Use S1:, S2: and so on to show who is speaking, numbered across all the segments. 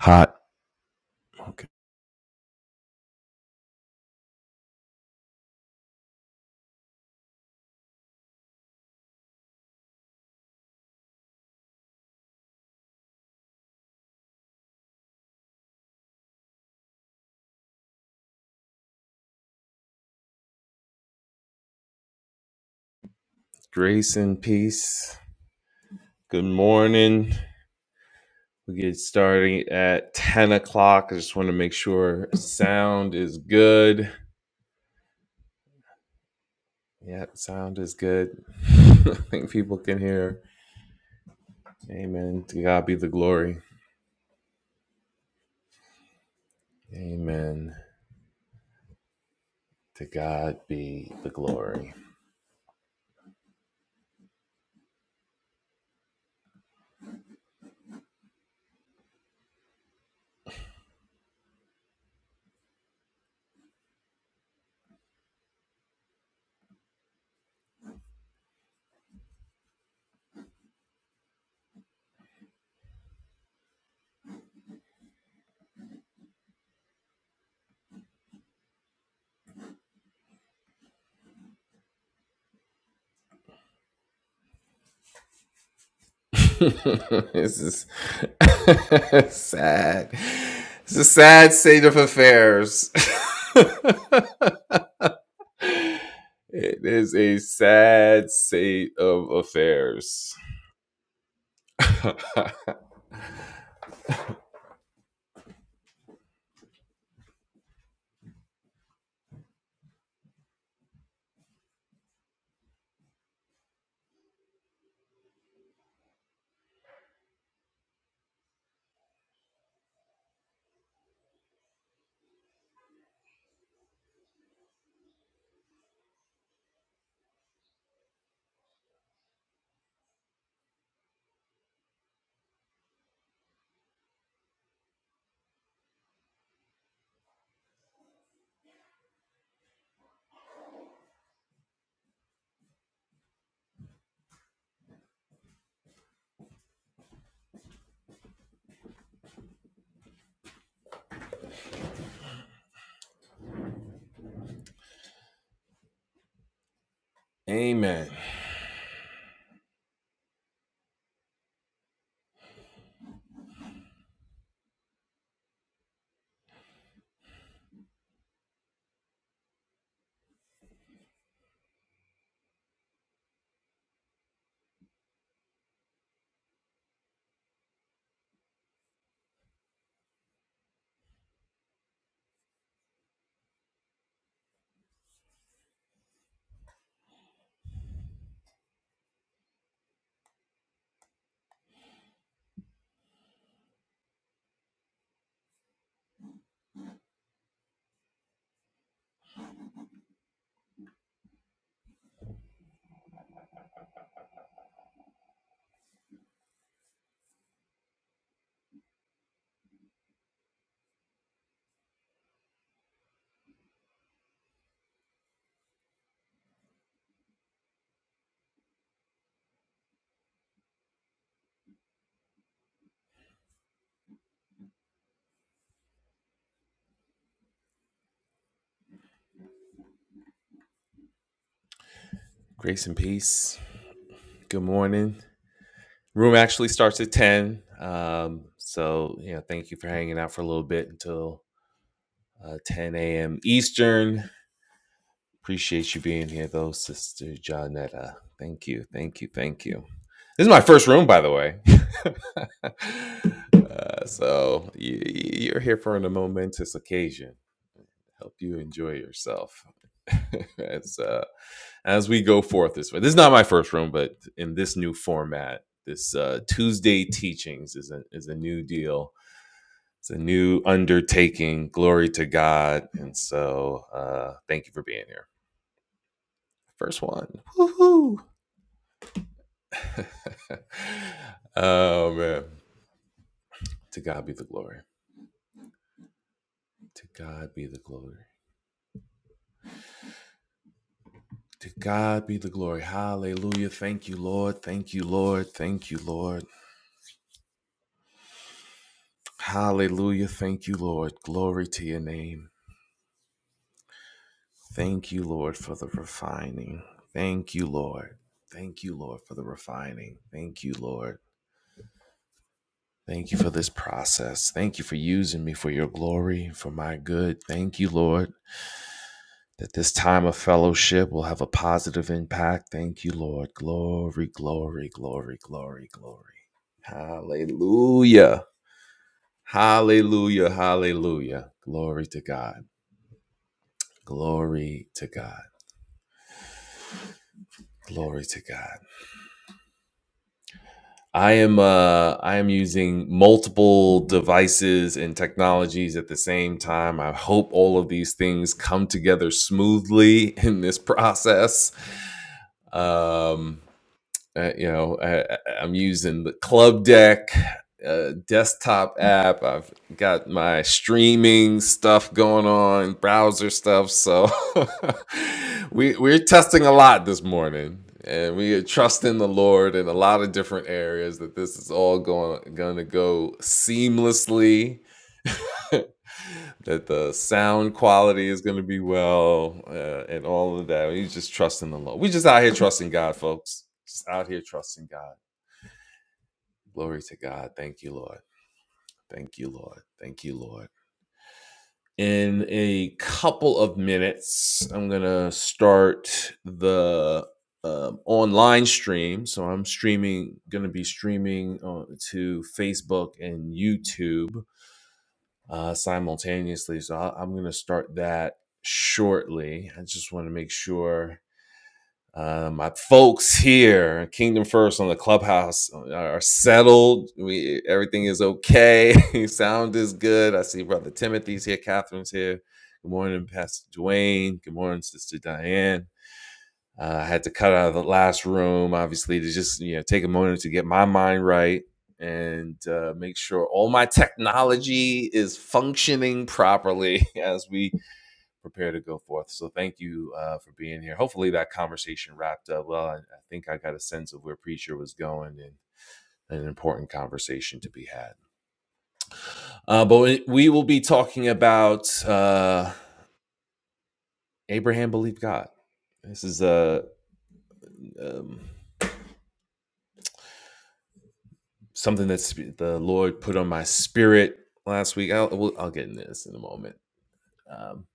S1: Hot. Okay. Grace and peace. Good morning. We get starting at 10 o'clock. I just want to make sure sound is good. Yeah, sound is good. I think people can hear. Amen. To God be the glory. Amen. To God be the glory. this is sad. It's a sad state of affairs. It is a sad state of affairs. Amen. Grace and peace. Good morning. Room actually starts at 10. Um, so, you know, thank you for hanging out for a little bit until uh, 10 a.m. Eastern. Appreciate you being here, though, Sister Janetta. Thank you. Thank you. Thank you. This is my first room, by the way. uh, so you, you're here for a momentous occasion. help you enjoy yourself as uh, as we go forth this way. This is not my first room, but in this new format, this uh, Tuesday teachings is a is a new deal. It's a new undertaking. Glory to God, and so uh, thank you for being here. First one, woohoo! oh man, to God be the glory. To God be the glory. To God be the glory. Hallelujah. Thank you, Lord. Thank you, Lord. Thank you, Lord. Hallelujah. Thank you, Lord. Glory to your name. Thank you, Lord, for the refining. Thank you, Lord. Thank you, Lord, for the refining. Thank you, Lord. Thank you for this process. Thank you for using me for your glory, for my good. Thank you, Lord, that this time of fellowship will have a positive impact. Thank you, Lord. Glory, glory, glory, glory, glory. Hallelujah. Hallelujah. Hallelujah. Glory to God. Glory to God. Glory to God. I am uh I am using multiple devices and technologies at the same time. I hope all of these things come together smoothly in this process. Um uh, you know I, I- am using the club deck uh, desktop app i've got my streaming stuff going on browser stuff so we we're testing a lot this morning and we are trusting the lord in a lot of different areas that this is all going going to go seamlessly that the sound quality is going to be well uh, and all of that. You just trusting the Lord. We just out here trusting God, folks. Just out here trusting God. Glory to God. Thank you, Lord. Thank you, Lord. Thank you, Lord. In a couple of minutes, I'm going to start the um, online stream. So I'm streaming, going to be streaming uh, to Facebook and YouTube uh, simultaneously. So I, I'm going to start that shortly. I just want to make sure uh, my folks here, Kingdom First on the Clubhouse, are are settled. We everything is okay. Sound is good. I see Brother Timothy's here. Catherine's here. Good morning, Pastor Dwayne. Good morning, Sister Diane. Uh, I had to cut out of the last room, obviously, to just you know take a moment to get my mind right and uh, make sure all my technology is functioning properly as we prepare to go forth. So thank you uh, for being here. Hopefully that conversation wrapped up well. I, I think I got a sense of where preacher was going and. An important conversation to be had. Uh, but we, will be talking about uh, Abraham believed God. This is a um, something that the Lord put on my spirit last week. I'll we'll, I'll get into this in a moment. Um,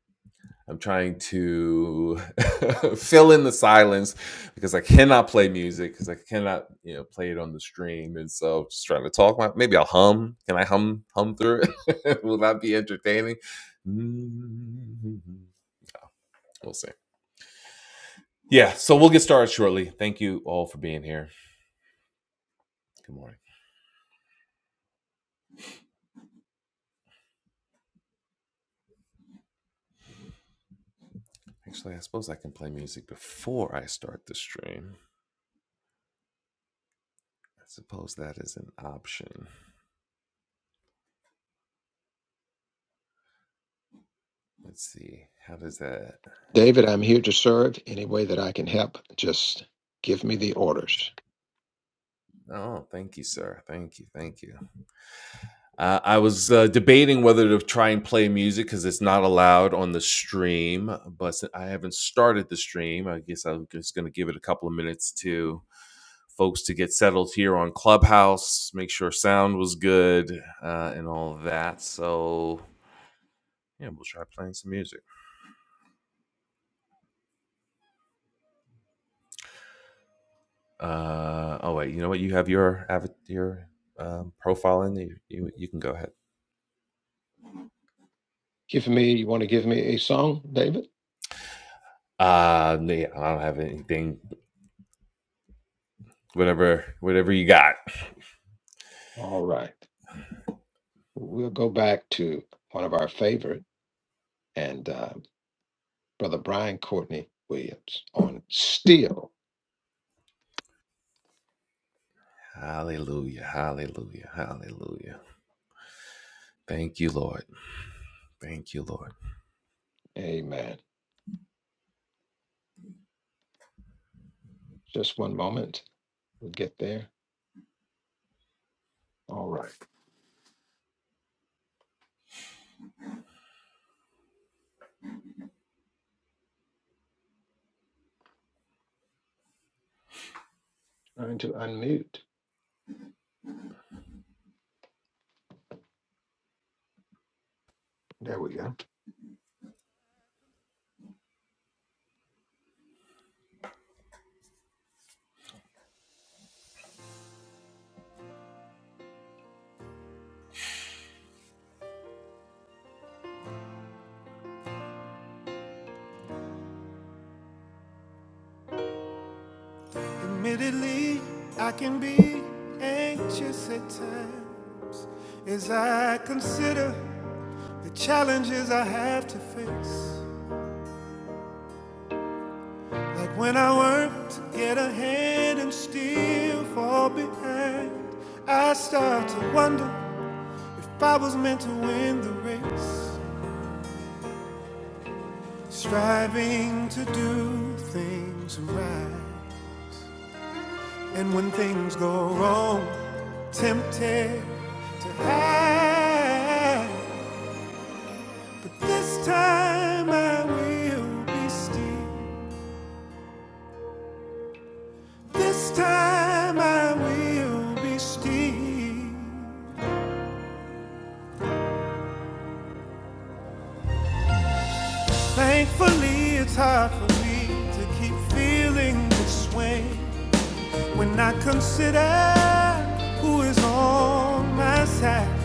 S1: I'm trying to fill in the silence because I cannot play music because I cannot you know play it on the stream, and so I'm just trying to talk. My, maybe I'll hum. Can I hum hum through it? Will that be entertaining? Mm, We'll see. Yeah, so we'll get started shortly. Thank you all for being here. Good morning. Actually, I suppose I can play music before I start the stream. suppose that is an option. Let's see. How does that?
S2: David, I'm here to serve any way that I can help. Just give me the orders.
S1: Oh, thank you, sir. Thank you. Thank you. Uh, I was uh, debating whether to try and play music because it's not allowed on the stream, but si- I haven't started the stream. I guess I'm just going to give it a couple of minutes to folks to get settled here on Clubhouse, make sure sound was good uh, and all of that. So, yeah, we'll try playing some music. Uh, oh wait, you know what? You have your avat- your um, profile in. You, you you can go ahead.
S2: Give me, you want to give me a song, David?
S1: Uh, yeah, I don't have anything. Whatever, whatever you got.
S2: All right. We'll go back to one of our favorite and uh, Brother Brian Courtney Williams on "Still."
S1: Hallelujah, hallelujah, hallelujah. Thank you, Lord. Thank you, Lord.
S2: Amen. Just one moment. We'll get there. All right. Trying to unmute. There we go.
S3: Admittedly, I can be anxious at times as I consider the challenges I have to face. Like when I work to get ahead and still fall behind, I start to wonder if I was meant to win the race. Striving to do things right, and when things go wrong, tempted to hide. But this time I will be still. This time I will be still. Thankfully, it's hard for me to keep feeling this way when I consider who is on my side.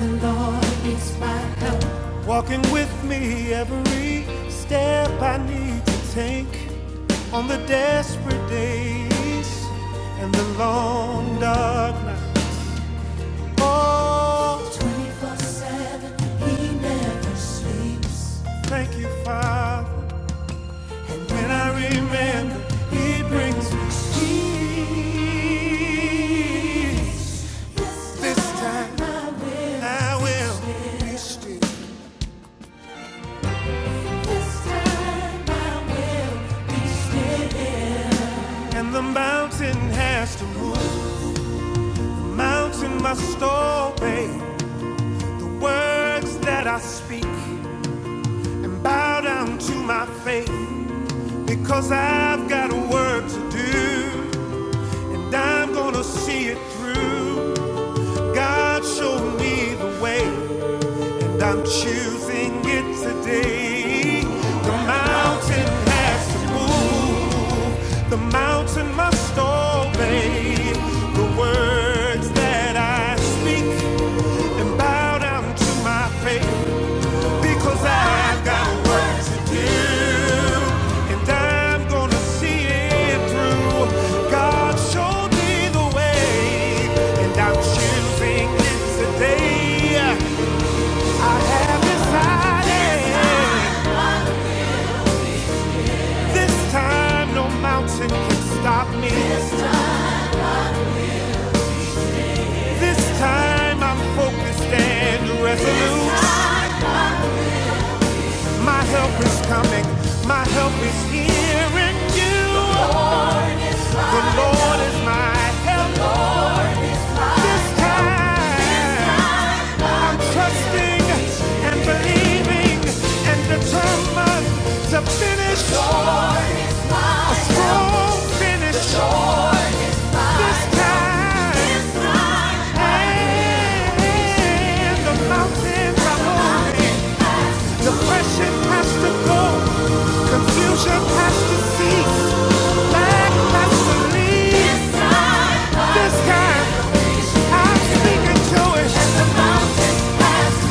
S3: The Lord is my help. Walking with me every step I need to take on the desperate days and the long dark night. Oh, 24 7, He never sleeps. Thank you, Father. When I remember, He brings me peace. This time I will be still And the mountain has to move. The mountain must obey the words that I speak and bow down to my faith. Because I've got a work to do and I'm gonna see it through. God showed me the way. And I'm choosing it today. The mountain has to move. The mountain must obey the words that I speak and bow down to my faith because I've got work to do. And I'm gonna see it through. God showed me the way, and I'm choosing it today. I have decided this time no mountain can stop me. This time I'm focused and resolute. My help is coming, my help is here in you. The Lord is my help this time. I'm trusting and believing and determined to finish. Won't finish this time. And the mountains are moving. Depression has to go. Confusion has to cease. Lack has to leave. This time, I'm speaking to it.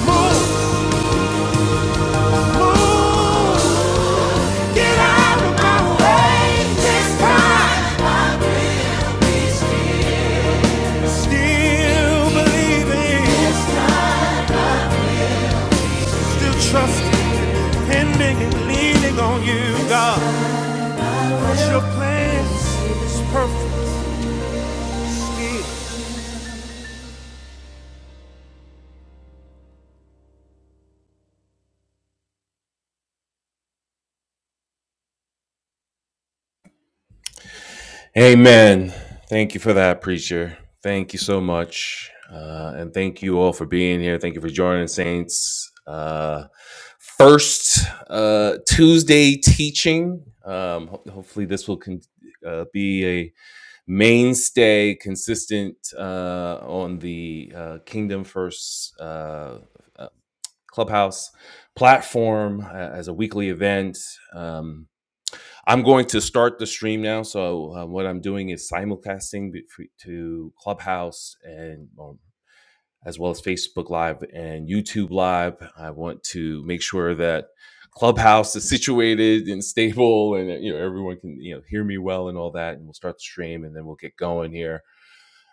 S3: Move, move. Get out of my way. This time, still believing. Still trusting, depending and leaning on you, God. 'Cause your plan is perfect still.
S1: Amen. Thank you for that, preacher. Thank you so much. Uh, and thank you all for being here. Thank you for joining Saints. Uh, first uh, Tuesday teaching. Um, ho- hopefully, this will con- uh, be a mainstay, consistent uh, on the uh, Kingdom First uh, uh, Clubhouse platform uh, as a weekly event. Um, I'm going to start the stream now. So uh, what I'm doing is simulcasting to Clubhouse and um, as well as Facebook Live and YouTube Live. I want to make sure that Clubhouse is situated and stable, and uh, you know everyone can you know hear me well and all that. And we'll start the stream, and then we'll get going here.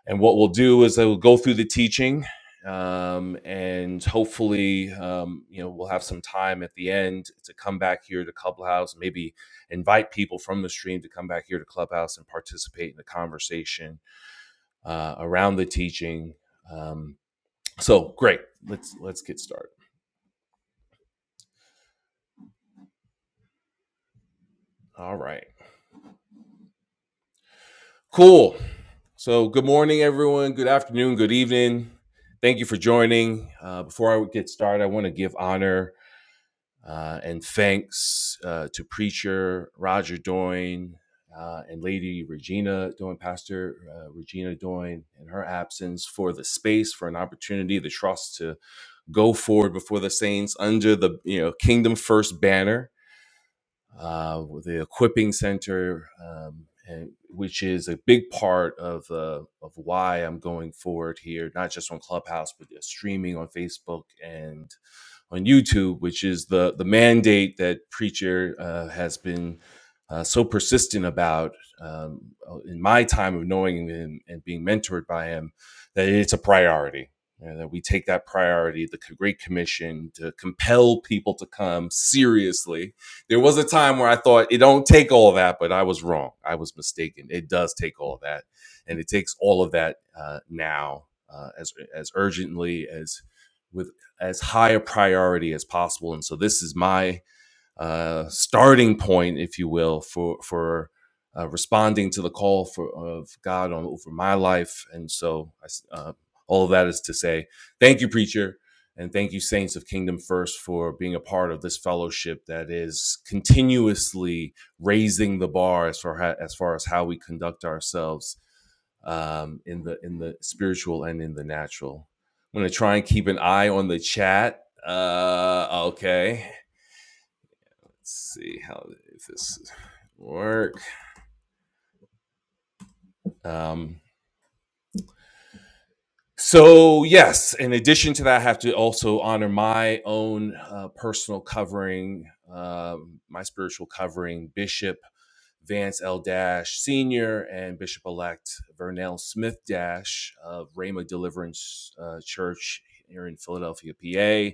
S1: And what we'll do is I will go through the teaching, um, and hopefully, um, you know, we'll have some time at the end to come back here to Clubhouse, maybe invite people from the stream to come back here to Clubhouse and participate in the conversation uh, around the teaching. Um, so great, let's let's get started. All right, cool. So good morning, everyone. Good afternoon. Good evening. Thank you for joining. Uh, before I get started, I want to give honor. Uh, and thanks uh, to preacher Roger Doyne uh, and Lady Regina Doyne, Pastor uh, Regina Doyne, in her absence, for the space, for an opportunity, the trust to go forward before the saints under the you know Kingdom First banner, uh, with the equipping center. Um, and, which is a big part of uh, of why I'm going forward here, not just on Clubhouse, but streaming on Facebook and on YouTube, which is the the mandate that preacher uh, has been uh, so persistent about um, uh, in my time of knowing him and being mentored by him that it's a priority. and that we take that priority, the Great Commission, to compel people to come seriously. There was a time where I thought it don't take all of that, but I was wrong. I was mistaken. It does take all of that, and it takes all of that uh, now uh, as as urgently as with as high a priority as possible. And so this is my uh, starting point, if you will, for for uh, responding to the call for of God on, over my life. And so I s uh, all of that is to say, thank you, preacher. And thank you, Saints of Kingdom First, for being a part of this fellowship that is continuously raising the bar as far, as far as how we conduct ourselves um, in the in the spiritual and in the natural. I'm gonna try and keep an eye on the chat. Uh, okay, let's see how if this work. Um, so yes, in addition to that, I have to also honor my own uh, personal covering, um, my spiritual covering, Bishop Vance L. Dash Senior and Bishop Elect Vernell Smith Dash of Rhema Deliverance uh, Church here in Philadelphia, PA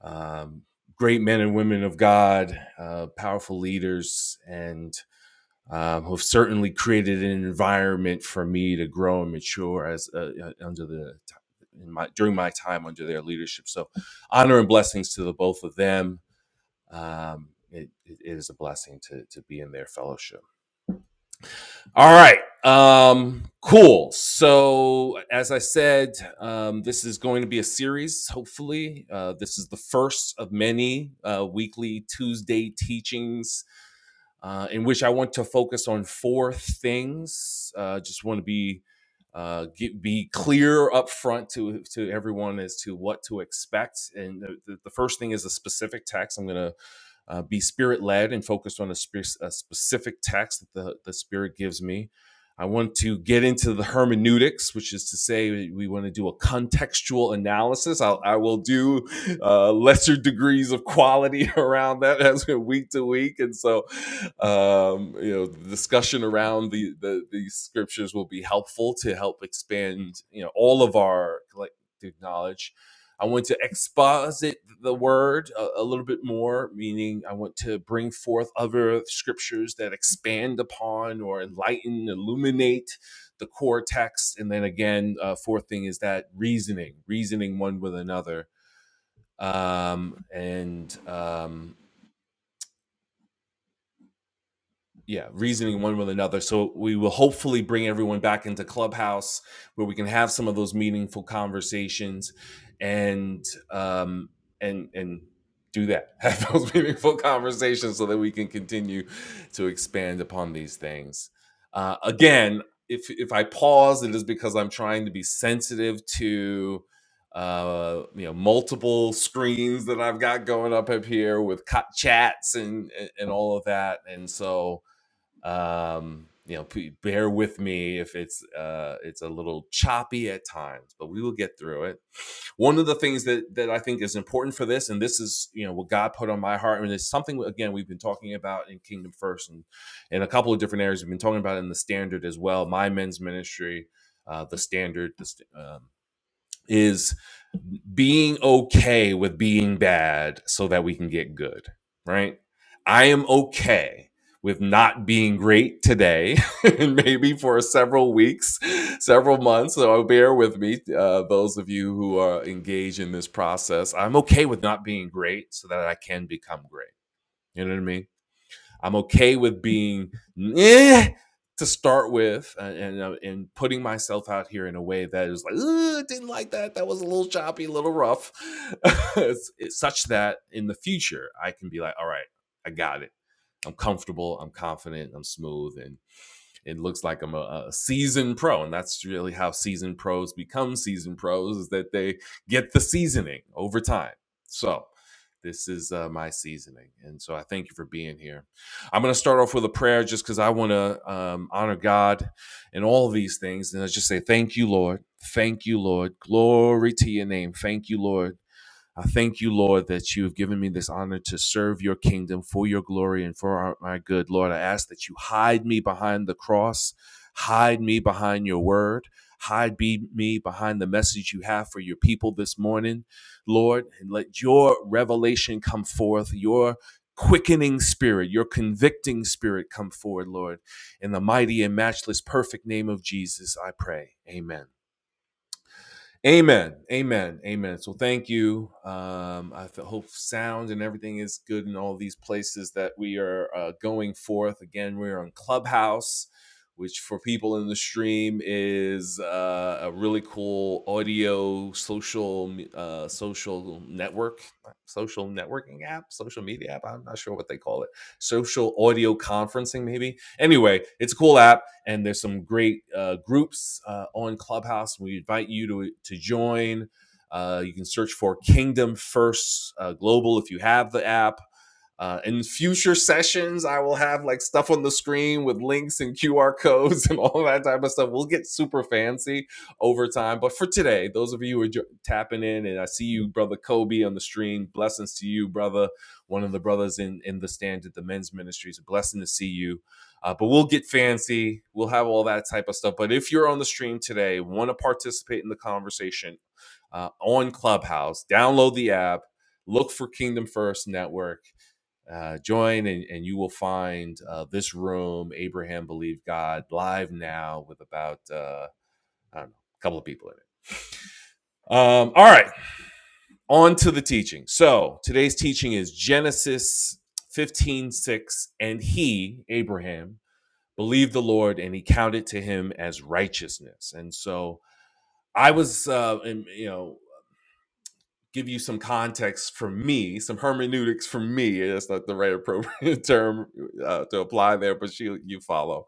S1: um, great men and women of God, uh, powerful leaders, and um, who have certainly created an environment for me to grow and mature as uh, uh, under the in my during my time under their leadership. So, honor and blessings to the both of them. Um, it, it is a blessing to to be in their fellowship. All right. Um, cool. So, as I said, um, this is going to be a series, hopefully. Uh, this is the first of many uh, weekly Tuesday teachings uh, in which I want to focus on four things. Uh, just want to be uh, get, be clear up front to to everyone as to what to expect and the, the the first thing is a specific text i'm going to uh, be spirit led and focused on a, spe- a specific text that the, the Spirit gives me. I want to get into the hermeneutics, which is to say, we want to do a contextual analysis. I'll, I will do uh, lesser degrees of quality around that as we're week to week, and so um, you know, the discussion around the, the the scriptures will be helpful to help expand you know all of our collective knowledge I want to exposit the word a, a little bit more, meaning I want to bring forth other scriptures that expand upon or enlighten, illuminate the core text. And then again, uh, fourth thing is that reasoning, reasoning one with another. Um, and um, yeah reasoning one with another so we will hopefully bring everyone back into clubhouse where we can have some of those meaningful conversations and um and and do that have those meaningful conversations so that we can continue to expand upon these things uh, again if if i pause it is because i'm trying to be sensitive to uh, you know, multiple screens that I've got going up up here with co- chats and and all of that, and so um you know p- bear with me if it's uh it's a little choppy at times but we will get through it one of the things that that i think is important for this and this is you know what god put on my heart and it's something again we've been talking about in kingdom first and in a couple of different areas we've been talking about it in the standard as well my men's ministry uh the standard the st- um, is being okay with being bad so that we can get good, right? I am okay with not being great today and maybe for several weeks, several months. So bear with me, uh, those of you who are engaged in this process. I'm okay with not being great so that I can become great. You know what I mean? I'm okay with being eh, to start with, and and, uh, and putting myself out here in a way that is like, "Ugh, didn't like that. That was a little choppy, a little rough, It's- it's such that in the future I can be like, all right, I got it. I'm comfortable. I'm confident. I'm smooth, and it looks like I'm a, a season pro, and that's really how season pros become season pros is that they get the seasoning over time. So this is uh, my seasoning, and so I thank you for being here. I'm going to start off with a prayer just because I want to um, honor God and all of these things, and I just say thank you, Lord, thank you, Lord, glory to your name, thank you, Lord. I thank you, Lord, that you have given me this honor to serve your kingdom for your glory and for our, my good. Lord, I ask that you hide me behind the cross, hide me behind your word, hide be, me behind the message you have for your people this morning, Lord, and let your revelation come forth, your quickening spirit, your convicting spirit come forward, Lord. In the mighty and matchless perfect name of Jesus, I pray. Amen. Amen. Amen. Amen. So thank you. Um, I th- hope sound and everything is good in all these places that we are uh, going forth. Again, we're on Clubhouse, which for people in the stream is uh, a really cool audio social uh, social network, social networking app, social media app. I'm not sure what they call it. Social audio conferencing, maybe Anyway, it's a cool app, and there's some great uh, groups uh, on Clubhouse. We invite you to to join. Uh, you can search for Kingdom First uh, Global if you have the app. Uh, in future sessions, I will have like stuff on the screen with links and QR codes and all that type of stuff. We'll get super fancy over time. But for today, those of you who are jo- tapping in, and I see you, brother Kobe, on the stream. Blessings to you, brother. One of the brothers in in the stand at the men's ministry. It's a blessing to see you. Uh, but we'll get fancy. We'll have all that type of stuff. But if you're on the stream today, want to participate in the conversation uh, on Clubhouse, download the app, look for Kingdom First Network uh, join and, and you will find uh, this room abraham believed god live now with about uh, i don't know a couple of people in it um, all right on to the teaching so today's teaching is genesis 15 6, and he abraham believed the lord and he counted to him as righteousness and so i was uh, in, you know give you some context from me, some hermeneutics from me. yeah, That's not the right appropriate term uh, to apply there, but you you follow.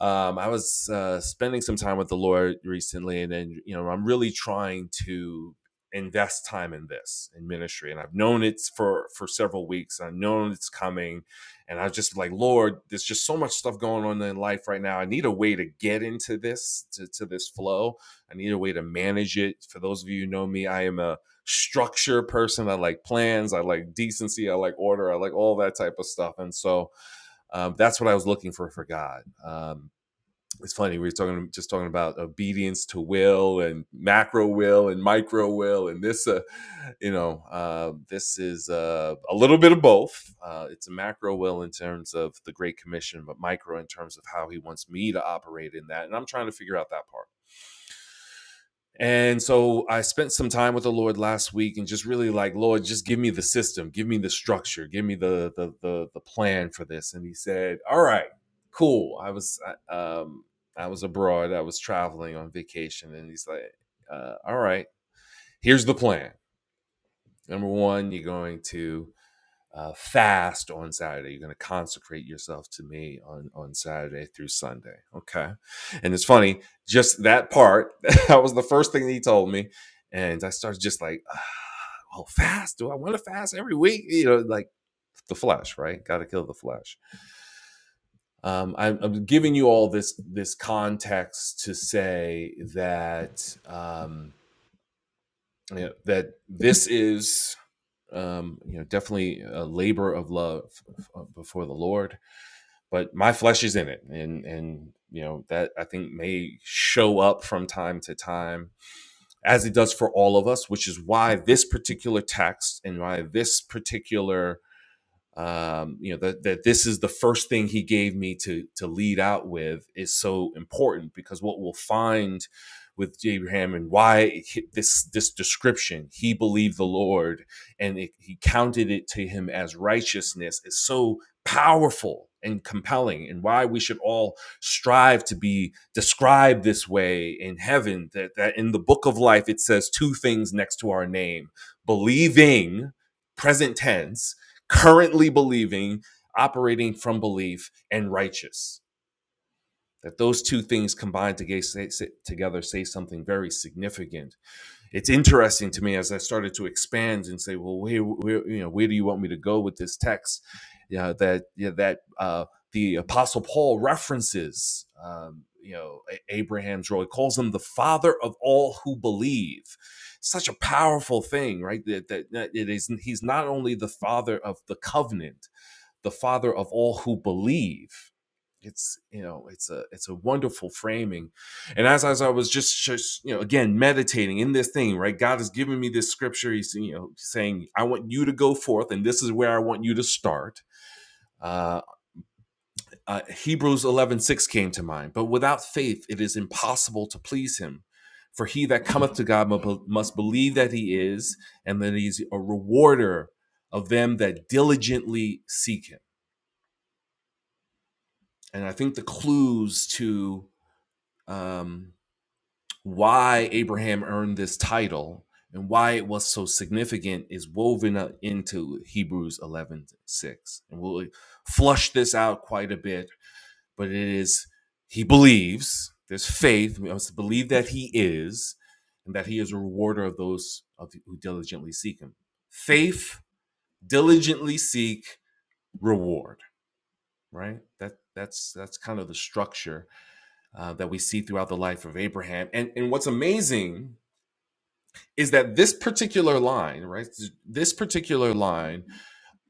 S1: Um, I was uh, spending some time with the Lord recently, and then you know I'm really trying to invest time in this in ministry, and I've known it's for for several weeks. I've known it's coming, and I was just like, Lord, there's just so much stuff going on in life right now. I need a way to get into this to, to this flow. I need a way to manage it. For those of you who know me, I am a structure person. I like plans. I like decency. I like order. I like all that type of stuff. And so um, that's what I was looking for for God. Um, it's funny we were talking just talking about obedience to will and macro will and micro will and this uh, you know uh, this is uh, a little bit of both uh, it's a macro will in terms of the great commission but micro in terms of how he wants me to operate in that and i'm trying to figure out that part and so I spent some time with the Lord last week and just really like, Lord, just give me the system, give me the structure, give me the the the, the plan for this. And he said, "All right, cool." I was I, um I was abroad, I was traveling on vacation, and he's like, uh, "All right, here's the plan. Number one, you're going to." uh, fast on Saturday. You're going to consecrate yourself to me on on Saturday through Sunday. Okay, and it's funny, just that part. that was the first thing he told me, and I started just like, ah, oh, fast? Do I want to fast every week? You know, like the flesh, right? Got to kill the flesh. Um, I'm, I'm giving you all this this context to say that um, you know, that this is. Um, you know, definitely a labor of love uh, before the Lord but my flesh is in it and and you know that i think may show up from time to time as it does for all of us which is why this particular text and why this particular um, you know that that this is the first thing he gave me to to lead out with is so important because what we'll find with Abraham and why he- this this description he believed the Lord and it, he counted it to him as righteousness is so powerful and compelling and why we should all strive to be described this way in heaven that, that in the book of life it says two things next to our name believing present tense currently believing, operating from belief, and righteous. That those two things combined together say something very significant. It's interesting to me as I started to expand and say, well, where, where you know, where do you want me to go with this text? Yeah, that yeah, that uh, the Apostle Paul references, um, you know, Abraham's role. He calls him the father of all who believe such a powerful thing, right? That, that, that it is he's not only the father of the covenant, the father of all who believe it's you know it's a it's a wonderful framing and as, as i was just, just you know again meditating in this thing right god has given me this scripture he's you know saying i want you to go forth and this is where i want you to start uh, uh hebrews eleven six came to mind but without faith it is impossible to please him for he that cometh to god must believe that he is and that he's a rewarder of them that diligently seek him and I think the clues to um, why Abraham earned this title and why it was so significant is woven up into Hebrews eleven six, And we'll uh, flush this out quite a bit, but it is he believes, there's faith, we must believe that he is, and that he is a rewarder of those of who diligently seek him. Faith, diligently seek, reward, right? That that's that's kind of the structure uh, that we see throughout the life of Abraham. And and what's amazing is that this particular line, right? This particular line,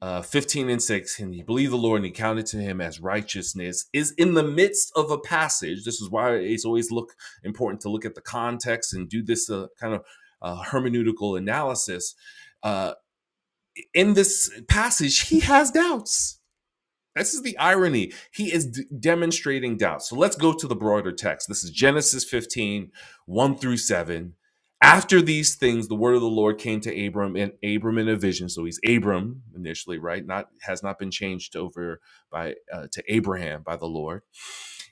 S1: uh, fifteen and six, and he believed the Lord and he counted to him as righteousness, is in the midst of a passage. This is why it's always look important to look at the context and do this uh, kind of uh, hermeneutical analysis. Uh, in this passage, he has doubts this is the irony. He is d- demonstrating doubt. So let's go to the broader text. This is Genesis fifteen, one through 7. After these things, the word of the Lord came to Abram and Abram in a vision. So he's Abram initially, right? Not has not been changed over by uh, to Abraham by the Lord.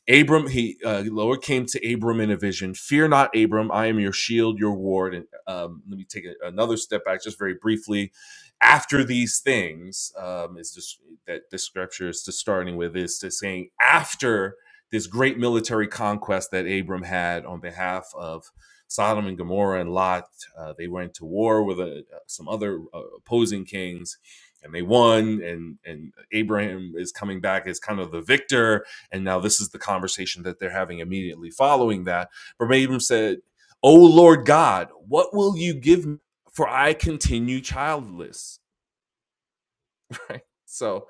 S1: Abram, he uh, the Lord came to Abram in a vision. Fear not, Abram. I am your shield, your ward. And um, let me take a- another step back, just very briefly. After these things, um, is just that the scripture is just starting with is to saying after this great military conquest that Abram had on behalf of Sodom and Gomorrah and Lot, uh, they went to war with uh, some other uh, opposing kings, and they won. And and Abraham is coming back as kind of the victor and now this is the conversation that they're having immediately following that. Verbatim said, O Lord God, what will you give me? For I continue childless. Right? So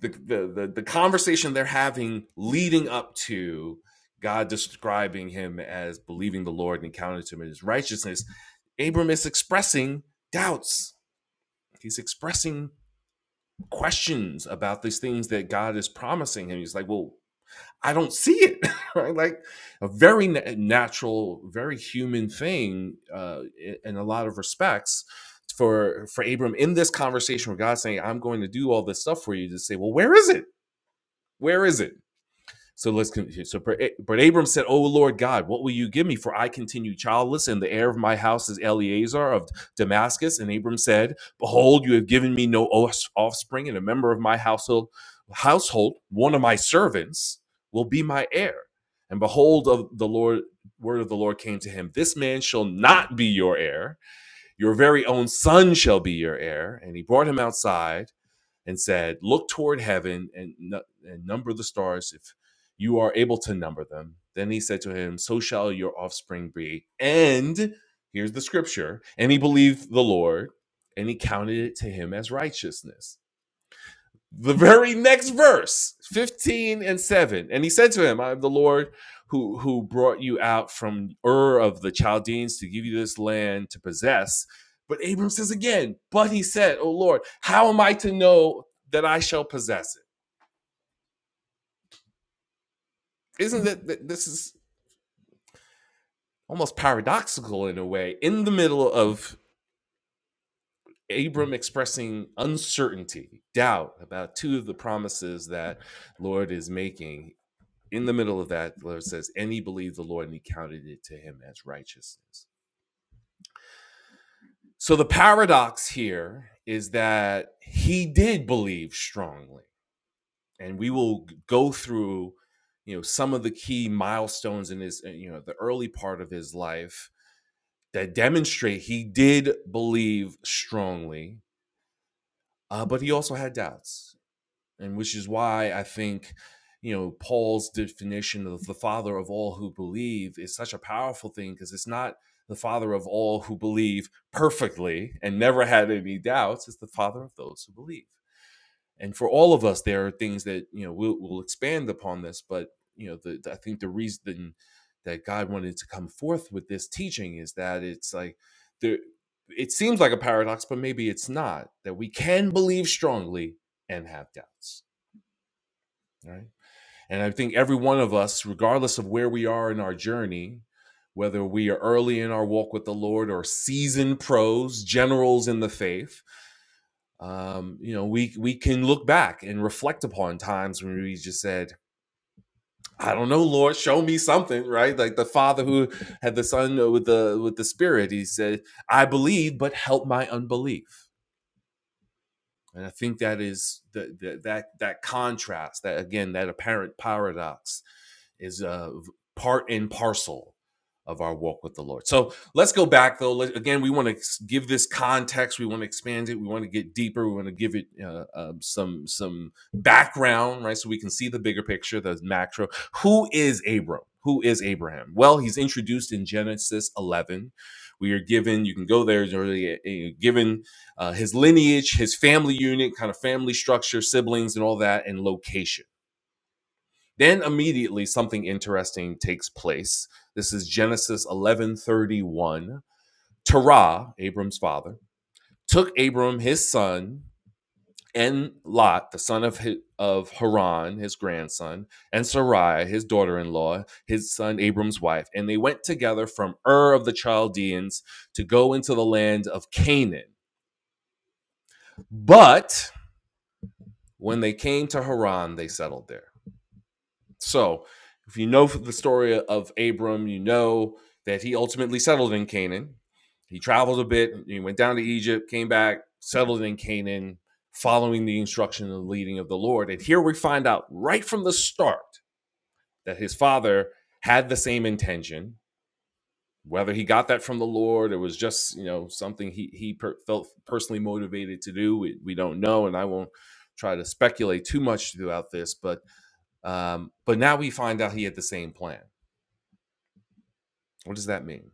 S1: the, the the the conversation they're having leading up to God describing him as believing the Lord and counted to him in His righteousness, Abram is expressing doubts. He's expressing questions about these things that God is promising him. He's like, well, I don't see it. right? Like a very natural, very human thing uh, in a lot of respects for for Abram in this conversation with God saying, "I'm going to do all this stuff for you." To say, "Well, where is it? Where is it?" So let's continue. So, but Abram said, "O Lord God, what will you give me? For I continue childless, and the heir of my house is Eleazar of Damascus." And Abram said, "Behold, you have given me no offspring, and a member of my household, household, one of my servants, will be my heir." And behold, of the Lord, word of the Lord came to him: This man shall not be your heir; your very own son shall be your heir. And he brought him outside and said, Look toward heaven and, and number the stars if you are able to number them. Then he said to him, So shall your offspring be. And here's the scripture. And he believed the Lord, and he counted it to him as righteousness the very next verse 15 and 7 and he said to him i am the lord who who brought you out from ur of the chaldeans to give you this land to possess but abram says again but he said oh lord how am i to know that i shall possess it isn't that that- this is almost paradoxical in a way in the middle of abram expressing uncertainty doubt about two of the promises that lord is making in the middle of that, it says, and he believed the Lord and he counted it to him as righteousness. So the paradox here is that he did believe strongly. And we will go through, you know, some of the key milestones in his, uh, you know, the early part of his life that demonstrate he did believe strongly, uh, but he also had doubts. and which is why I think you know Paul's definition of the father of all who believe is such a powerful thing because it's not the father of all who believe perfectly and never had any doubts it's the father of those who believe and for all of us there are things that you know we'll, we'll expand upon this but you know the, i think the reason that god wanted to come forth with this teaching is that it's like there it seems like a paradox but maybe it's not that we can believe strongly and have doubts right and i think every one of us regardless of where we are in our journey whether we are early in our walk with the lord or seasoned pros generals in the faith um, you know we we can look back and reflect upon times when we just said i don't know lord show me something right like the father who had the son with the with the spirit he said i believe but help my unbelief And I think that is the, the that that contrast, that again, that apparent paradox, is uh, part and parcel of our walk with the Lord. So let's go back though. Let, again, we want to give this context. We want to expand it. We want to get deeper. We want to give it uh, um, some some background, right? So we can see the bigger picture, the macro. Who is Abram? Who is Abraham? Well, he's introduced in Genesis 11. We are given. You can go there. uh, given uh, his lineage, his family unit, kind of family structure, siblings, and all that, and location. Then immediately something interesting takes place. This is Genesis 11:31. Terah, Abram's father, took Abram his son and Lot, the son of hi- of Haran, his grandson, and Sarai, his daughter-in-law, his son Abram's wife, and they went together from Ur of the Chaldeans to go into the land of Canaan. But When they came to Haran, they settled there. So, if you know the story of Abram, you know that he ultimately settled in Canaan. He traveled a bit, he went down to Egypt, came back, settled in Canaan, following the instruction and leading of the Lord. And here we find out right from the start that his father had the same intention. Whether he got that from the Lord, it was just you know something he he per- felt personally motivated to do. We, we don't know, and I won't try to speculate too much throughout this. But um, but now we find out he had the same plan. What does that mean?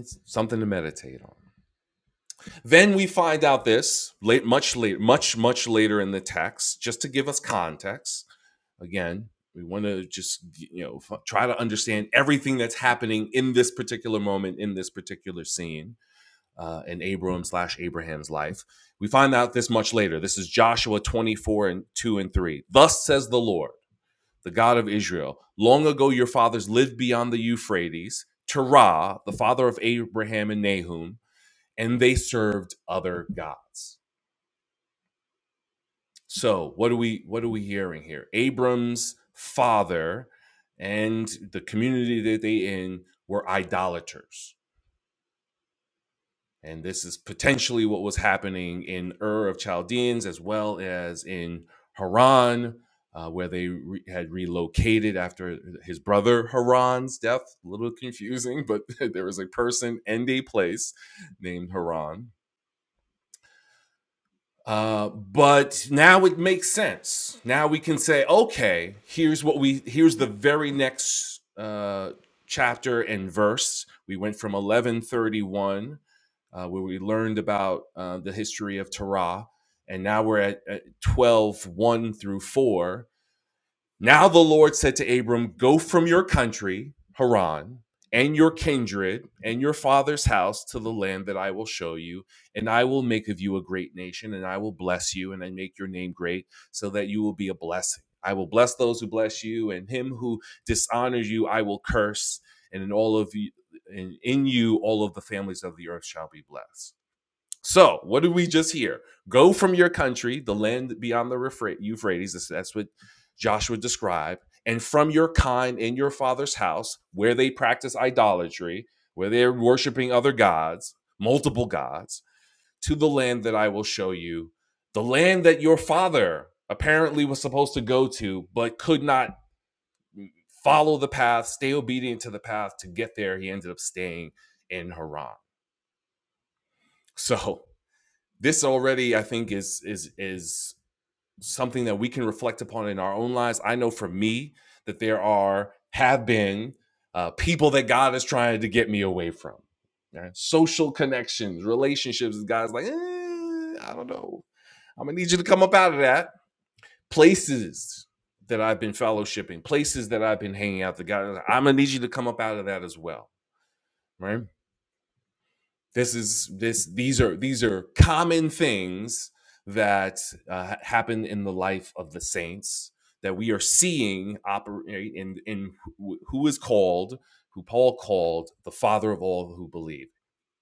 S1: It's something to meditate on. Then we find out this late, much later, much much later in the text, just to give us context. Again, we want to just you know f- try to understand everything that's happening in this particular moment, in this particular scene, uh, in Abram slash Abraham's life. We find out this much later. This is Joshua twenty four and two and three. Thus says the Lord. the God of Israel. Long ago, your fathers lived beyond the Euphrates, Terah, the father of Abraham and Nahum, and they served other gods. So, what are we what are we hearing here? Abram's father and the community that they in were idolaters. And this is potentially what was happening in Ur of Chaldeans as well as in Haran, uh, where they re- had relocated after his brother Haran's death. A little confusing, but there was a person and a place named Haran. Uh, but now it makes sense. Now we can say, okay, here's what we here's the very next uh, chapter and verse. We went from 1131, uh, where we learned about uh, the history of Torah, and now we're at, at 12 one through 4 now the Lord said to Abram, Go from your country, Haran, and your kindred, and your father's house to the land that I will show you, and I will make of you a great nation, and I will bless you, and I make your name great, so that you will be a blessing. I will bless those who bless you, and him who dishonors you, I will curse, and in all of you, and in you, all of the families of the earth shall be blessed. So, what did we just hear? Go from your country, the land beyond the Euphrates, that's what Joshua described, and from your kind in your father's house, where they practice idolatry, where they're worshiping other gods, multiple gods, to the land that I will show you, the land that your father apparently was supposed to go to, but could not follow the path, stay obedient to the path to get there. He ended up staying in Haran. So, this already, I think, is is is something that we can reflect upon in our own lives. I know for me that there are have been uh, people that God is trying to get me away from. right? Social connections, relationships. God's like, eh, I don't know. I'm gonna need you to come up out of that. Places that I've been fellowshipping, places that I've been hanging out. The God, I'm gonna need you to come up out of that as well, right? this is this these are these are common things that uh, happen in the life of the saints that we are seeing operate in in who who is called who Paul called the father of all who believe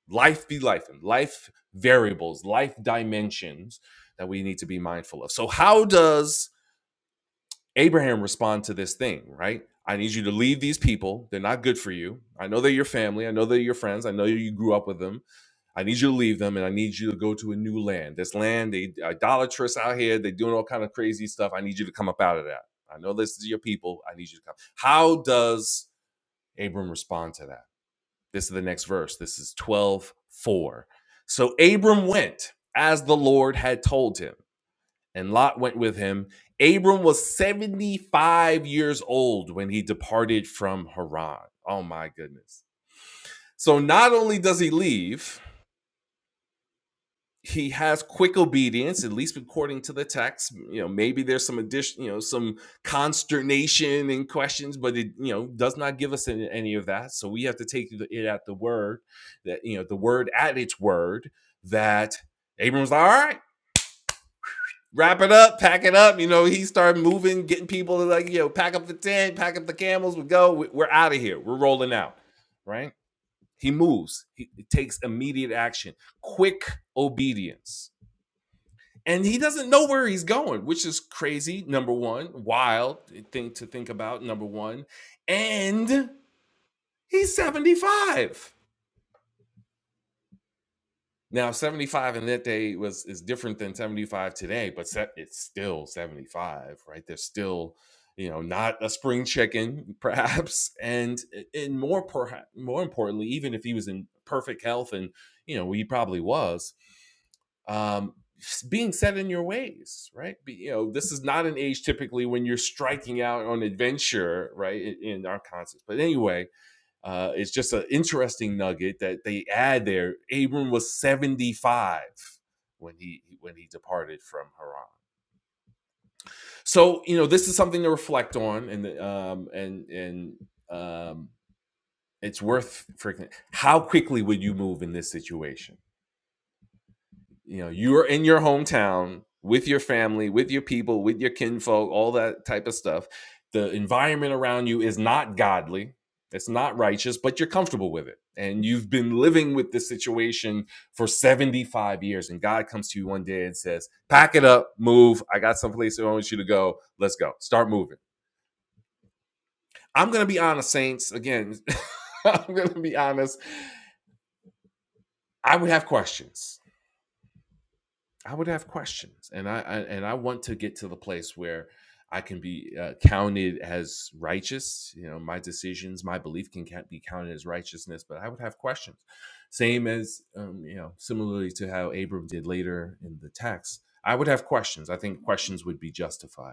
S1: life be life and life variables life dimensions that we need to be mindful of so how does Abraham respond to this thing right I need you to leave these people they're not good for you I know they're your family I know they're your friends I know you grew up with them I need you to leave them and I need you to go to a new land. This land, they idolatrous out here, they doing all kind of crazy stuff. I need you to come up out of that. I know this is your people. I need you to come. How does Abram respond to that? This is the next verse. This is 12 4. So Abram went as the Lord had told him, and Lot went with him. Abram was 75 years old when he departed from Haran. Oh my goodness. So not only does he leave, he has quick obedience, at least according to the text. You know, maybe there's some addition, you know, some consternation and questions, but it, you know, does not give us any, any of that. So we have to take it at the word that, you know, the word at its word that Abram's like, all right, wrap it up, pack it up. You know, he started moving, getting people to like, you know, pack up the tent, pack up the camels, we go, we- are out of here, we're rolling out, right? He moves, he takes immediate action, quick obedience and he doesn't know where he's going, which is crazy. Number one, wild thing to think about. Number one, and he's seventy five now. Seventy five in that day was is different than seventy five today, but it's still seventy five, right? There's still you know not a spring chicken perhaps and and more perhaps more importantly even if he was in perfect health and you know he probably was um, being set in your ways, right? Be, you know, this is not an age typically when you're striking out on adventure, right? In, in our concepts, but anyway, uh, it's just an interesting nugget that they add there. Abram was seventy five when he when he departed from Haran. So you know, this is something to reflect on, and um, and and um, it's worth freaking. How quickly would you move in this situation? you know you're in your hometown with your family with your people with your kinfolk all that type of stuff the environment around you is not godly it's not righteous but you're comfortable with it and you've been living with this situation for 75 years and god comes to you one day and says pack it up move i got someplace i want you to go let's go start moving i'm gonna be honest saints again i'm gonna be honest i would have questions I would have questions, and I, I and I want to get to the place where I can be uh, counted as righteous. You know, my decisions, my belief can can't be counted as righteousness, but I would have questions. Same as um, you know, similarly to how Abram did later in the text, I would have questions. I think questions would be justified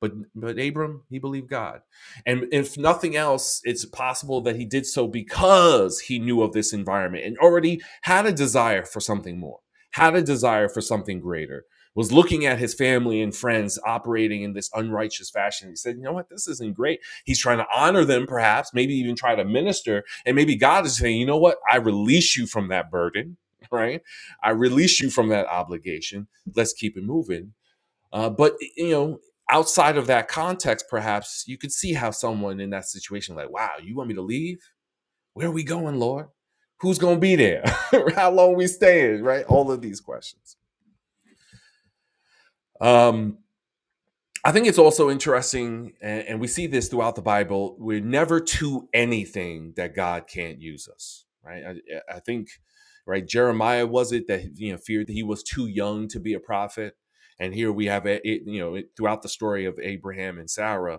S1: but but Abram, he believed God. And if nothing else, it's possible that he did so because he knew of this environment and already had a desire for something more, had a desire for something greater, was looking at his family and friends operating in this unrighteous fashion. He said, You know what? This isn't great. He's trying to honor them, perhaps, maybe even try to minister. And maybe God is saying, You know what? I release you from that burden, right? I release you from that obligation. Let's keep it moving uh, but you know, outside of that context, perhaps you could see how someone in that situation, like, wow, you want me to leave? Where are we going, Lord? Who's gonna be there? how long are we staying? Right? All of these questions. Um, I think it's also interesting, and, and we see this throughout the Bible. We're never to anything that God can't use us. Right? I, yeah, I think. Right? Jeremiah was it that you know feared that he was too young to be a prophet, and here we have it. you know, throughout the story of Abraham and Sarah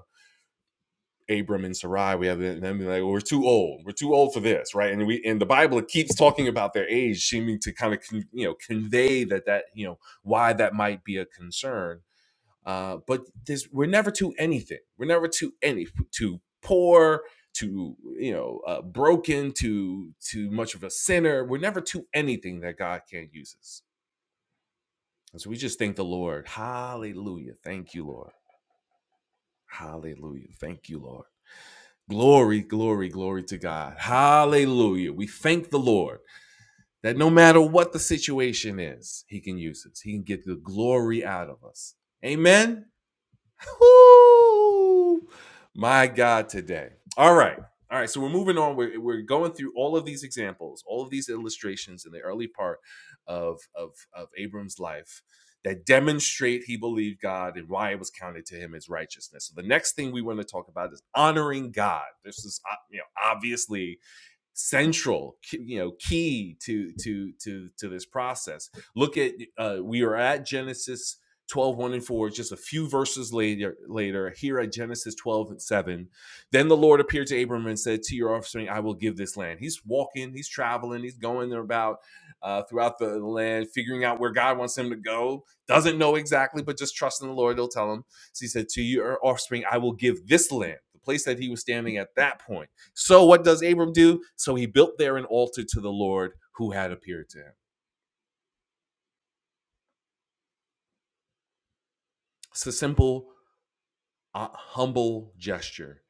S1: Abram and Sarai, we have them like, well, we're too old. We're too old for this, right? And we and the Bible keeps talking about their age, seeming to kind of con, you know convey that that you know why that might be a concern. Uh, but this, we're never to anything. We're never to any too poor, to you know uh, broken, to too much of a sinner. We're never to anything that God can't use us. And so we just thank the Lord. Hallelujah. Thank you, Lord. Hallelujah. Thank you, Lord. Glory, glory, glory to God. Hallelujah. We thank the Lord that no matter what the situation is, He can use us. He can get the glory out of us. Amen. Woo! My God, today. All right. All right. So we're moving on. We're, we're going through all of these examples, all of these illustrations in the early part of, of, of Abram's life that demonstrate he believed God and why it was counted to him as righteousness. So the next thing we want to talk about is honoring God. This is uh, you know, obviously central you know key to to to to this process look at uh we are at genesis twelve one and 4 just a few verses later later here at genesis 12 and 7 then the lord appeared to abram and said to your offspring i will give this land he's walking he's traveling he's going about uh, throughout the land figuring out where god wants him to go doesn't know exactly but just trusting the lord he'll tell him so he said to your offspring i will give this land the place that he was standing at that point so what does Abram do? So he built there an altar to the Lord who had appeared to him. It's a simple, uh, humble gesture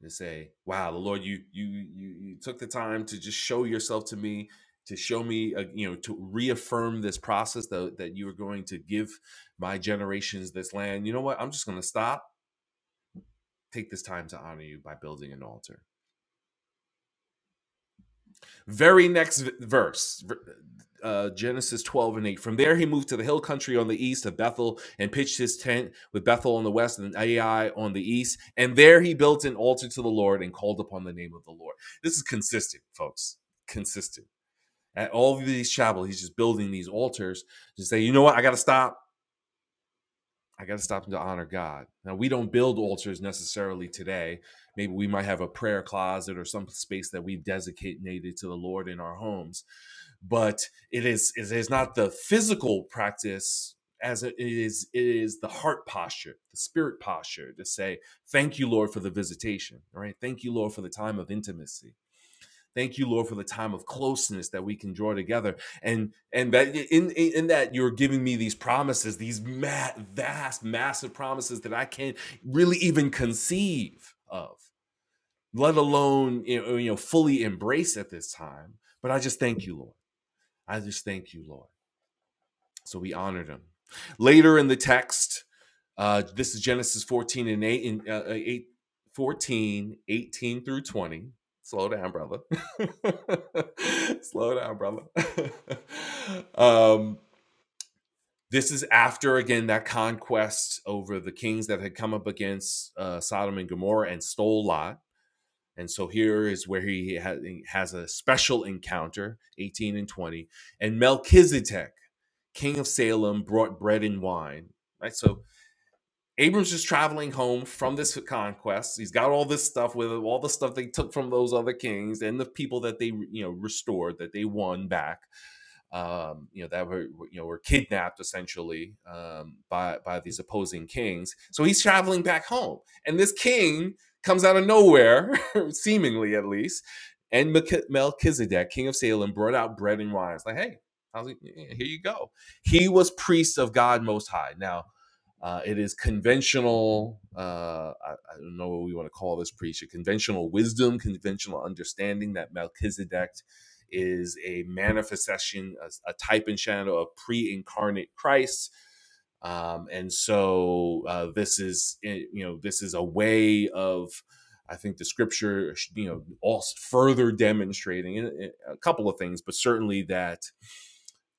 S1: to say, "Wow, the Lord, you you you you took the time to just show yourself to me." To show me, uh, you know, to reaffirm this process that, that you were going to give my generations this land. You know what? I'm just going to stop, take this time to honor you by building an altar. Very next verse, uh, Genesis 12 and 8. From there, he moved to the hill country on the east of Bethel and pitched his tent with Bethel on the west and Ai on the east. And there he built an altar to the Lord and called upon the name of the Lord. This is consistent, folks. Consistent. At all of these chapels, he's just building these altars to say, you know what? I got to stop. I got to stop them to honor God. Now, we don't build altars necessarily today. Maybe we might have a prayer closet or some space that we've designated to the Lord in our homes, but it is it is not the physical practice as it is it is the heart posture, the spirit posture to say, "Thank you, Lord, for the visitation." All right, thank you, Lord, for the time of intimacy. Thank you, Lord, for the time of closeness that we can draw together, and and that in in in that you're giving me these promises, these ma- vast, massive promises that I can't really even conceive of, let alone you know you know, fully embrace at this time. But I just thank you, Lord. I just thank you, Lord. So we honored him. Later in the text, uh, this is Genesis 14 and 8, and, uh, uh, 8 fourteen, eighteen through 20. Slow down, brother. Slow down, brother. um, this is after, again, that conquest over the kings that had come up against uh, Sodom and Gomorrah and stole Lot. And so here is where he ha- has a special encounter, 18 and 20. And Melchizedek king of Salem, brought bread and wine. Right. So Abram's just traveling home from this conquest. He's got all this stuff with him, all the stuff they took from those other kings and the people that they, you know, restored, that they won back um, you know that were you know were kidnapped essentially um, by by these opposing kings. So he's traveling back home, and this king comes out of nowhere, seemingly at least. And Melchizedek, king of Salem, brought out bread and wine. It's like, hey, how's it, yeah, here you go. He was priest of God Most High. Now, uh, it is conventional. Uh, I, I don't know what we want to call this priest. Conventional wisdom, conventional understanding that Melchizedek is a manifestation, a, a type and shadow of pre incarnate Christ. Um, and so uh, this is, eh, you know, this is a way of, I think the scripture, you know, also further demonstrating eh, eh, a couple of things, but certainly that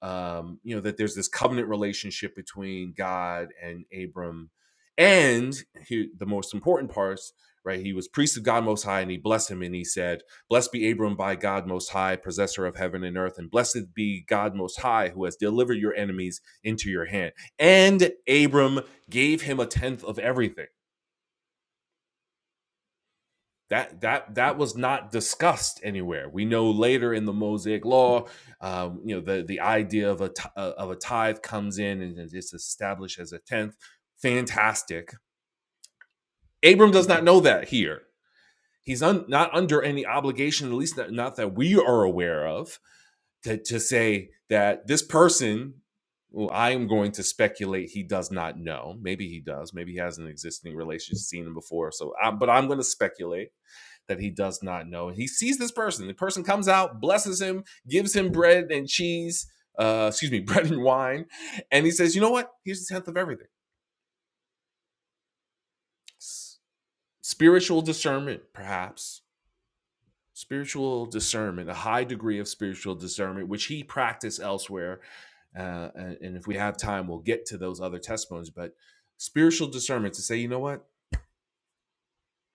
S1: um, you know that there's this covenant relationship between God and Abram, and he, the most important parts, right? He was priest of God Most High, and he blessed him, and he said, "Blessed be Abram by God Most High, possessor of heaven and earth, and blessed be God Most High, who has delivered your enemies into your hand." And Abram gave him a tenth of everything that that that was not discussed anywhere. We know later in the Mosaic Law, um, you know, the the idea of a t- uh, of a tithe comes in and it's established as a tenth. Fantastic. Abram does not know that here. He's un, not under any obligation, at least not, not that we are aware of, to, to say that this person. Well, I am going to speculate he does not know. Maybe he does. Maybe he has an existing relationship, seen him before. So, I, but I'm going to speculate that he does not know. He sees this person. The person comes out, blesses him, gives him bread and cheese, uh, excuse me, bread and wine. And he says, You know what? Here's the tenth of everything. Spiritual discernment, perhaps. Spiritual discernment, a high degree of spiritual discernment, which he practiced elsewhere. Uh, and, and if we have time, we'll get to those other testimonies. But spiritual discernment to say, you know what?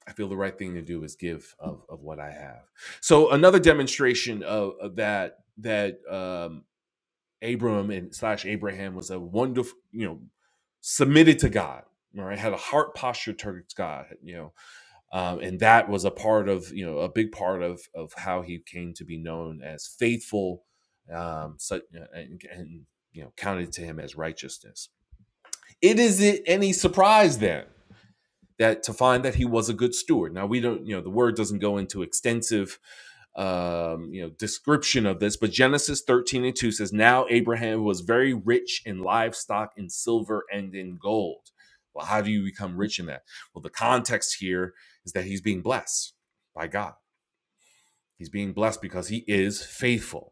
S1: I feel the right thing to do is give of, of what I have. So another demonstration of, of that that um, Abram and slash Abraham was a wonderful, you know, submitted to God. right? had a heart posture towards God. You know, um, and that was a part of you know a big part of of how he came to be known as faithful, um, so, and, and you know counted to him as righteousness. It isn't any surprise then that to find that he was a good steward. Now we don't, you know, the word doesn't go into extensive um, you know, description of this, but Genesis 13 and 2 says, Now Abraham was very rich in livestock, in silver, and in gold. Well, how do you become rich in that? Well, the context here is that he's being blessed by God. He's being blessed because he is faithful.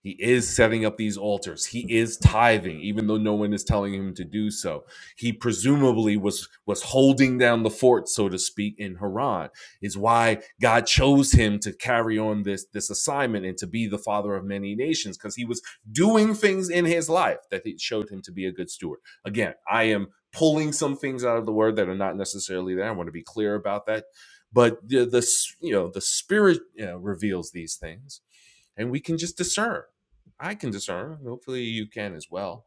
S1: He is setting up these altars. He is tithing, even though no one is telling him to do so. He presumably was was holding down the fort, so to speak, in Haran. Is why God chose him to carry on this this assignment and to be the father of many nations, because he was doing things in his life that it showed him to be a good steward. Again, I am pulling some things out of the word that are not necessarily there. I want to be clear about that. But the, the you know the spirit you know, reveals these things, and we can just discern I can discern, hopefully you can as well,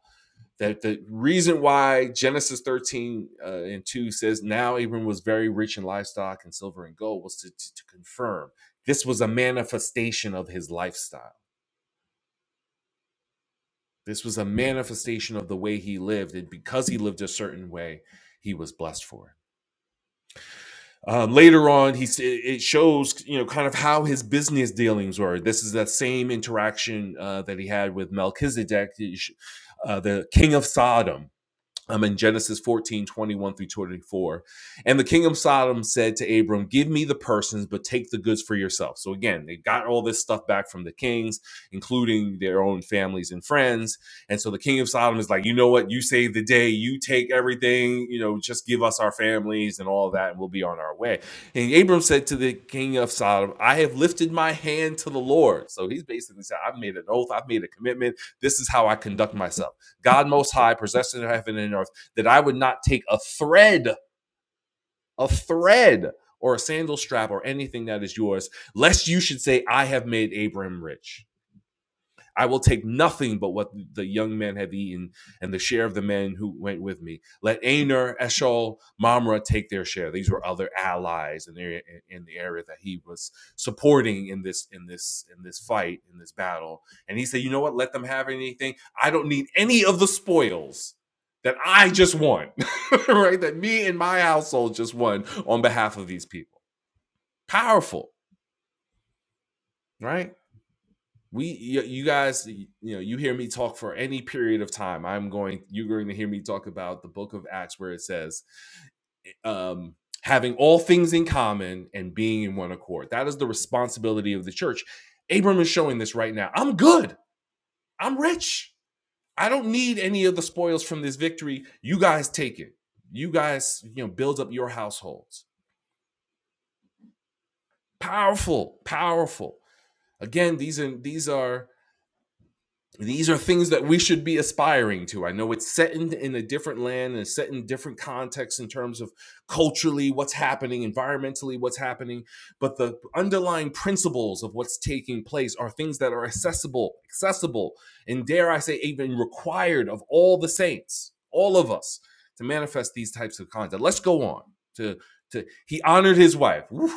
S1: that the reason why Genesis 13 uh, and 2 says, Now Abram was very rich in livestock and silver and gold, was to, to, to confirm this was a manifestation of his lifestyle. This was a manifestation of the way he lived. And because he lived a certain way, he was blessed for it. Um, later on, he it shows you know kind of how his business dealings were. This is that same interaction uh, that he had with Melchizedek, uh, the king of Sodom I'm in Genesis 14:21 through 24. And the king of Sodom said to Abram, Give me the persons, but take the goods for yourself. So again, they got all this stuff back from the kings, including their own families and friends. And so the king of Sodom is like, You know what? You save the day. You take everything. You know, just give us our families and all that, and we'll be on our way. And Abram said to the king of Sodom, I have lifted my hand to the Lord. So he's basically said, I've made an oath, I've made a commitment. This is how I conduct myself. God most high, possessing of heaven and earth, that I would not take a thread, a thread, or a sandal strap, or anything that is yours, lest you should say, I have made Abram rich. I will take nothing but what the young men have eaten and the share of the men who went with me. Let Aner, Eshol, Mamre take their share. These were other allies in the area, in the area that he was supporting in this in this in this fight in this battle. And he said, "You know what? Let them have anything. I don't need any of the spoils." That I just won, right? That me and my household just won on behalf of these people. Powerful, right? we you, guys you know you hear me talk for any period of time i'm going you're going to hear me talk about the book of acts where it says um having all things in common and being in one accord that is the responsibility of the church abram is showing this right now i'm good i'm rich i don't need any of the spoils from this victory you guys take it you guys you know build up your households powerful powerful again these are these are these are things that we should be aspiring to. I know it's set in, in a different land and set in different contexts in terms of culturally what's happening, environmentally what's happening, but the underlying principles of what's taking place are things that are accessible, accessible, and dare I say, even required of all the saints, all of us, to manifest these types of conduct. Let's go on to to he honored his wife. Woo,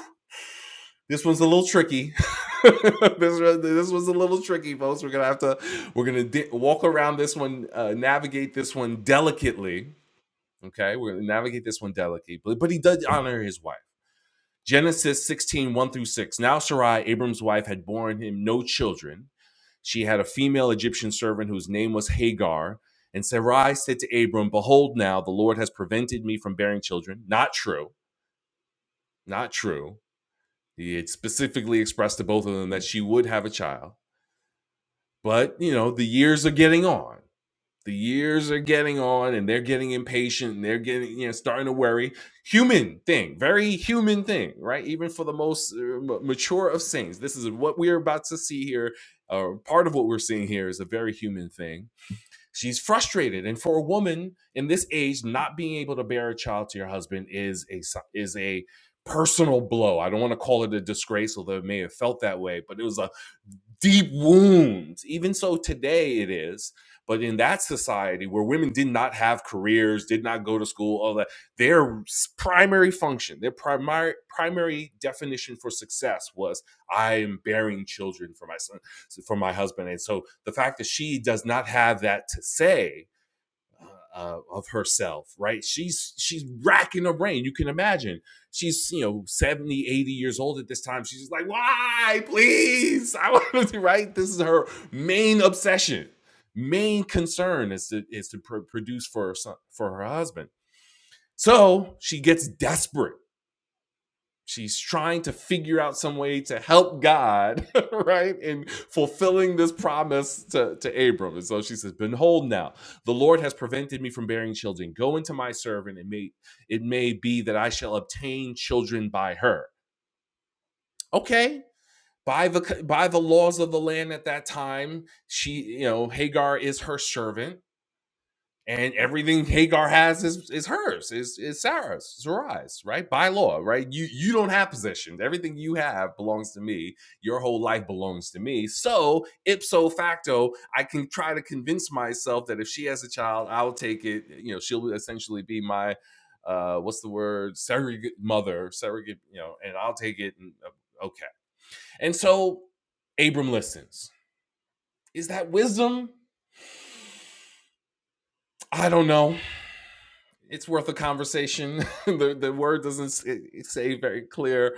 S1: this one's a little tricky. this this was a little tricky, folks. We're gonna have to we're gonna di- walk around this one, uh, navigate this one delicately. Okay, we're gonna navigate this one delicately, but, but he does honor his wife. Genesis sixteen one through 6. Now Sarai, Abram's wife, had borne him no children. She had a female Egyptian servant whose name was Hagar. And Sarai said to Abram, Behold, now the Lord has prevented me from bearing children. Not true, not true. He had specifically expressed to both of them that she would have a child. But, you know, the years are getting on. The years are getting on and they're getting impatient and they're getting, you know, starting to worry. Human thing, very human thing, right? Even for the most uh, mature of saints, this is what we're about to see here. Or part of what we're seeing here is a very human thing She's frustrated, and for a woman in this age, not being able to bear a child to your husband is a si- is a personal blow. I don't want to call it a disgrace, although it may have felt that way, but it was a deep wounds. Even so, today it is. But in that society where women did not have careers, did not go to school, all that, their primary function, their primary primary definition for success was I am bearing children for my son, for my husband. And so the fact that she does not have that to say uh, of herself right she's she's racking her brain you can imagine she's you know 70, 80 years old at this time she's just like why please i want to right this is her main obsession main concern is to is to pr- produce for her son for her husband so she gets desperate she's trying to figure out some way to help God, right? In fulfilling this promise to, to Abram. And so she says, Behold now, the Lord has prevented me from bearing children. Go into my servant, and may it may be that I shall obtain children by her. Okay. By the by the laws of the land at that time, she, you know, Hagar is her servant and everything Hagar has is is hers, is is Sarah's, Sarai's, right? By law, right? You you don't have possessions. Everything you have belongs to me. Your whole life belongs to me. So ipso facto, I can try to convince myself that if she has a child, I'll take it. You know, she'll essentially be my uh, what's the word surrogate mother, surrogate. You know, and I'll take it. And, uh, okay, and so Abram listens. Is that wisdom? I don't know. it's worth a conversation. the the word doesn't say very clear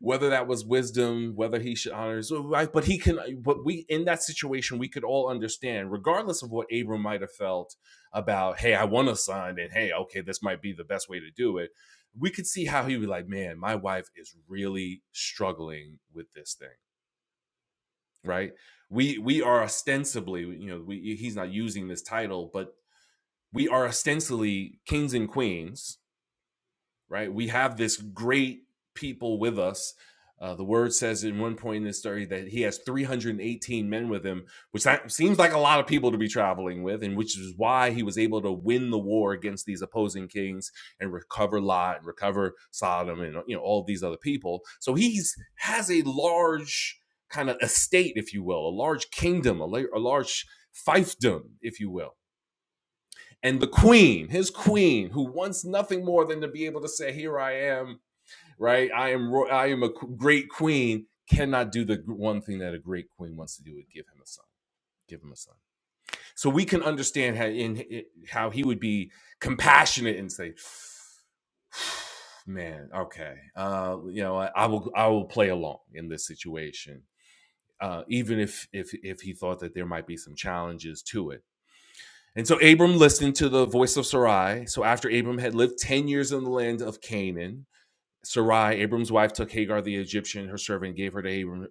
S1: whether that was wisdom, whether he should honor his wife. But he can. But we in that situation, we could all understand, regardless of what Abram might have felt about. Hey, I want a son, and hey, okay, this might be the best way to do it. We could see how he would be like, man, my wife is really struggling with this thing, right? We we are ostensibly, you know, we, he's not using this title, but we are ostensibly kings and queens right? We have this great people with us. Uh, the word says in one point in this story that he has 318 men with him, which that seems like a lot of people to be traveling with, and which is why he was able to win the war against these opposing kings and recover Lot and recover Sodom and you know all these other people. So he's has a large kind of estate, if you will, a large kingdom, a, la- a large fiefdom, if you will. And the queen, his queen, who wants nothing more than to be able to say, "Here I am," right? I am ro- I am a great queen. Cannot do the one thing that a great queen wants to do: is give him a son. Give him a son. So we can understand how in it- how he would be compassionate and say, "Man, okay, uh, you know, I, I will I will play along in this situation, uh, even if if if he thought that there might be some challenges to it." And so Abram listened to the voice of Sarai. So after Abram had lived 10 years in the land of Canaan, Sarai, Abram's wife, took Hagar the Egyptian, her servant, gave her to Abram,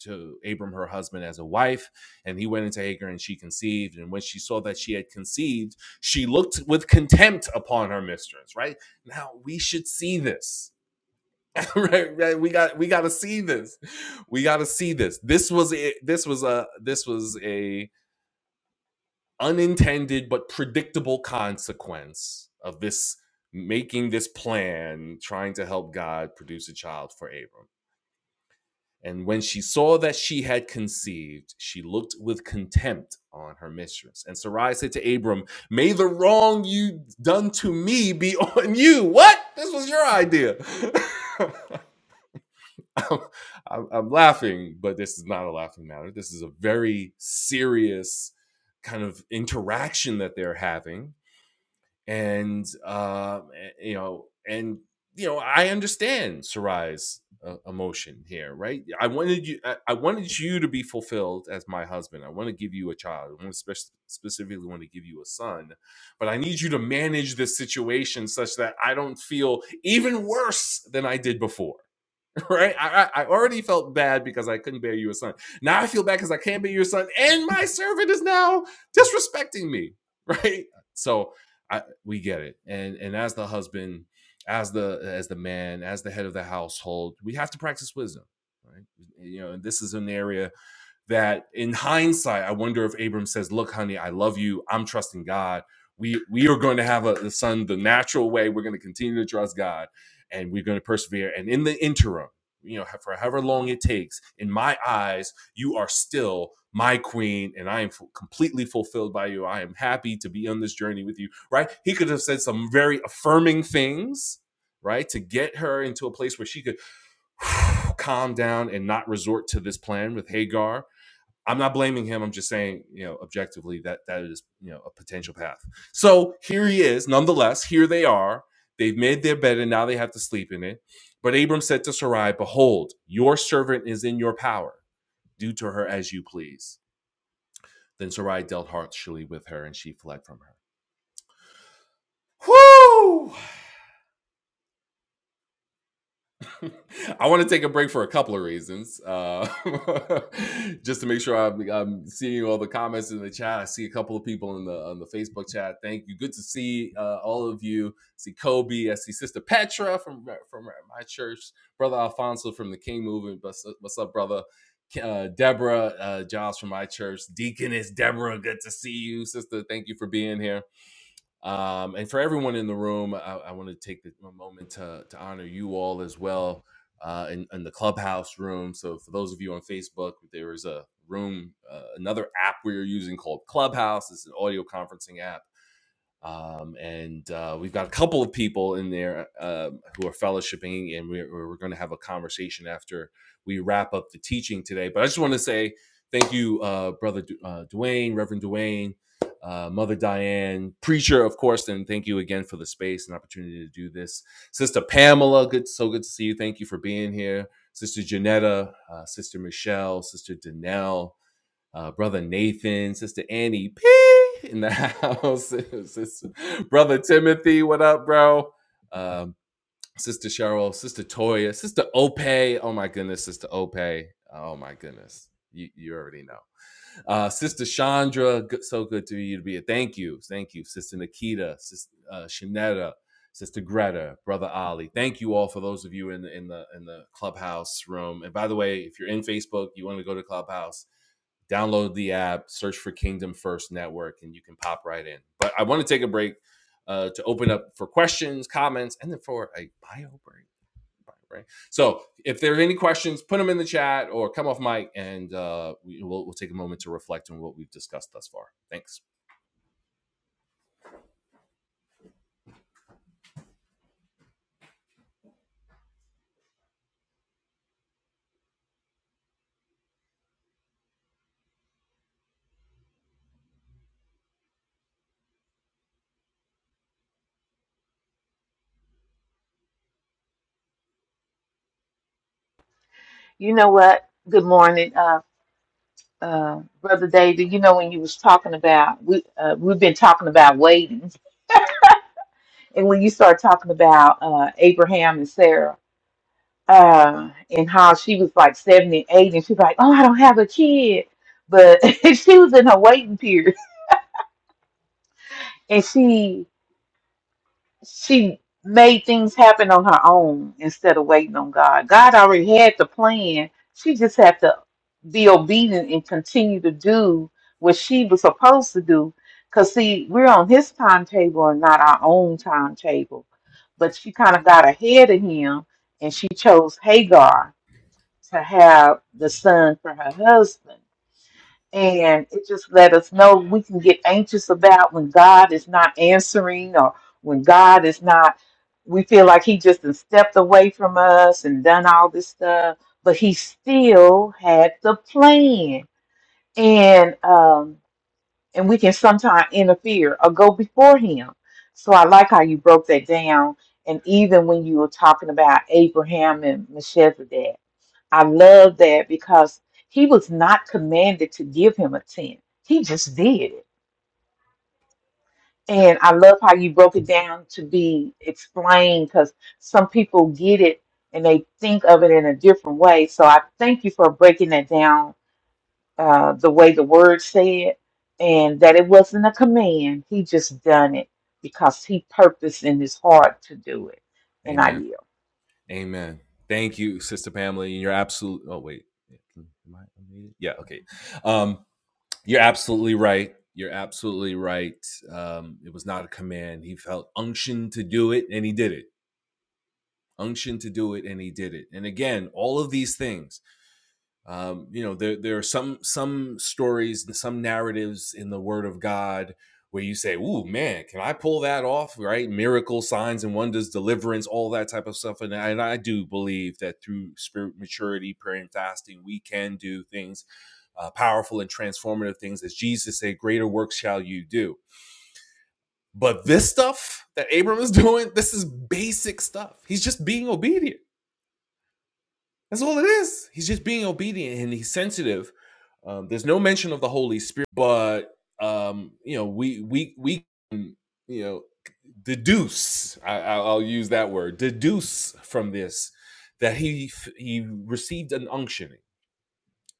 S1: to Abram her husband as a wife, and he went into Hagar, and she conceived. And when she saw that she had conceived, she looked with contempt upon her mistress. Right now, we should see this. right, right, we got we got to see this. We got to see this. This was a, this was a this was a unintended but predictable consequence of this making this plan, trying to help God produce a child for Abram. And when she saw that she had conceived, she looked with contempt on her mistress. And Sarai said to Abram, May the wrong you done to me be on you. What? This was your idea. I'm, I'm- I'm laughing, but this is not a laughing matter. This is a very serious kind of interaction that they're having and uh, you know, and you know, I understand Sarai's uh, emotion here, right? I wanted you, I, I wanted you to be fulfilled as my husband. I want to give you a child. I want to spec- specifically want to give you a son, but I need you to manage this situation such that I don't feel even worse than I did before right? I, I already felt bad because I couldn't bear you a son. Now I feel bad because I can't bear your son, and my servant is now disrespecting me, right? So I, we get it, and and as the husband, as the as the man, as the head of the household, we have to practice wisdom, right? You know, and this is an area that in hindsight, I wonder if Abram says, "Look, honey, I love you. I'm trusting God. We we are going to have a, a son the natural way. We're going to continue to trust God, and we're going to persevere. And in the interim, you know, for however long it takes, in my eyes, you are still my queen, and I am f- completely fulfilled by you. I am happy to be on this journey with you. Right? He could have said some very affirming things, right, to get her into a place where she could calm down and not resort to this plan with Hagar I'm not blaming him. I'm just saying, you know, objectively that that is, you know, a potential path. So here he is. Nonetheless, here they are. They've made their bed and now they have to sleep in it. But Abram said to Sarai, Behold, your servant is in your power. Do to her as you please. Then Sarai dealt harshly with her and she fled from her. Whoo! I want to take a break for a couple of reasons. Uh, just to make sure I'm, I'm seeing all the comments in the chat. I see a couple of people in the on the Facebook chat. Thank you. Good to see uh, all of you. I see Kobe. I see Sister Petra from from my church. Brother Alfonso from the King Movement. What's, what's up, brother? Uh, Deborah uh, Giles from my church. Deaconess Deborah. Good to see you, sister. Thank you for being here. Um, and for everyone in the room, I, I want to take the, a moment to, to honor you all as well uh, in, in the clubhouse room. So, for those of you on Facebook, there is a room, uh, another app we are using called Clubhouse. It's an audio conferencing app um, and uh, we've got a couple of people in there uh, who are fellowshipping, and we're, we're going to have a conversation after we wrap up the teaching today. But I just want to say thank you, uh, Brother Du- uh, Dwayne, Reverend Dwayne, uh, Mother Diane, preacher, of course, and thank you again for the space and opportunity to do this. Sister Pamela, good, so good to see you. Thank you for being here. Sister Janetta, uh, Sister Michelle, Sister Danelle, uh, brother Nathan, sister Annie P in the house, sister, brother Timothy, what up, bro? Um, sister Cheryl, sister Toya, sister Ope. Oh my goodness, sister Ope. Oh my goodness, you you already know. Uh, Sister Chandra, good, so good to you to be here. Thank you. Thank you. Sister Nikita, Sister uh, Shanetta, Sister Greta, Brother Ali. Thank you all for those of you in the, in the in the clubhouse room. And by the way, if you're in Facebook, you want to go to Clubhouse, download the app, search for Kingdom First Network, and you can pop right in. But I want to take a break uh, to open up for questions, comments, and then for a bio break right? So if there are any questions, put them in the chat or come off mic, and uh, we, we'll, we'll take a moment to reflect on what we've discussed thus far. Thanks.
S4: You know what? Good morning, uh, uh, Brother David. You know when you was talking about we uh, we've been talking about waiting, and when you start talking about uh, Abraham and Sarah, uh, and how she was like seventy eight, and she's like, "Oh, I don't have a kid," but she was in her waiting period, and she she made things happen on her own instead of waiting on God. God already had the plan. She just had to be obedient and continue to do what she was supposed to do. Because, see, we're on his timetable and not our own timetable. But she kind of got ahead of him and she chose Hagar to have the son for her husband. And it just let us know we can get anxious about when God is not answering or when God is not, we feel like He just has stepped away from us and done all this stuff, but He still had the plan. And, um, and we can sometimes interfere or go before Him. So I like how you broke that down. And even when you were talking about Abraham and Melchizedek, I love that because he was not commanded to give him a 10. He just did it.
S1: Yeah.
S4: And I love how you broke it down to be explained because some people get it and they think of it in a different way. So I thank you for breaking that down uh, the way the word said and that it wasn't a command. He just done it because he purposed in his heart to do it. And I
S1: Amen.
S4: yield.
S1: Amen. Thank you, Sister Pamela. And you're absolutely. Oh wait, am I unmuted? Yeah. Okay. Um, you're absolutely right. You're absolutely right. Um, it was not a command. He felt unction to do it, and he did it. Unction to do it, and he did it. And again, all of these things um, you know there there are some some stories some narratives in the word of god where you say ooh man can i pull that off right miracle signs and wonders deliverance all that type of stuff and, I- and i do believe that through spirit maturity prayer and fasting we can do things uh, powerful and transformative things as jesus said greater works shall you do but this stuff that abram is doing this is basic stuff he's just being obedient that's all it is. He's just being obedient and he's sensitive. Um, there's no mention of the Holy Spirit, but um, you know, we we we can, you know deduce. I, I'll use that word. Deduce from this that he he received an unctioning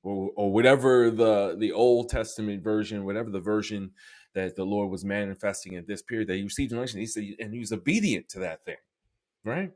S1: or, or whatever the the Old Testament version, whatever the version that the Lord was manifesting at this period, that he received an unction. He said, and he was obedient to that thing, right?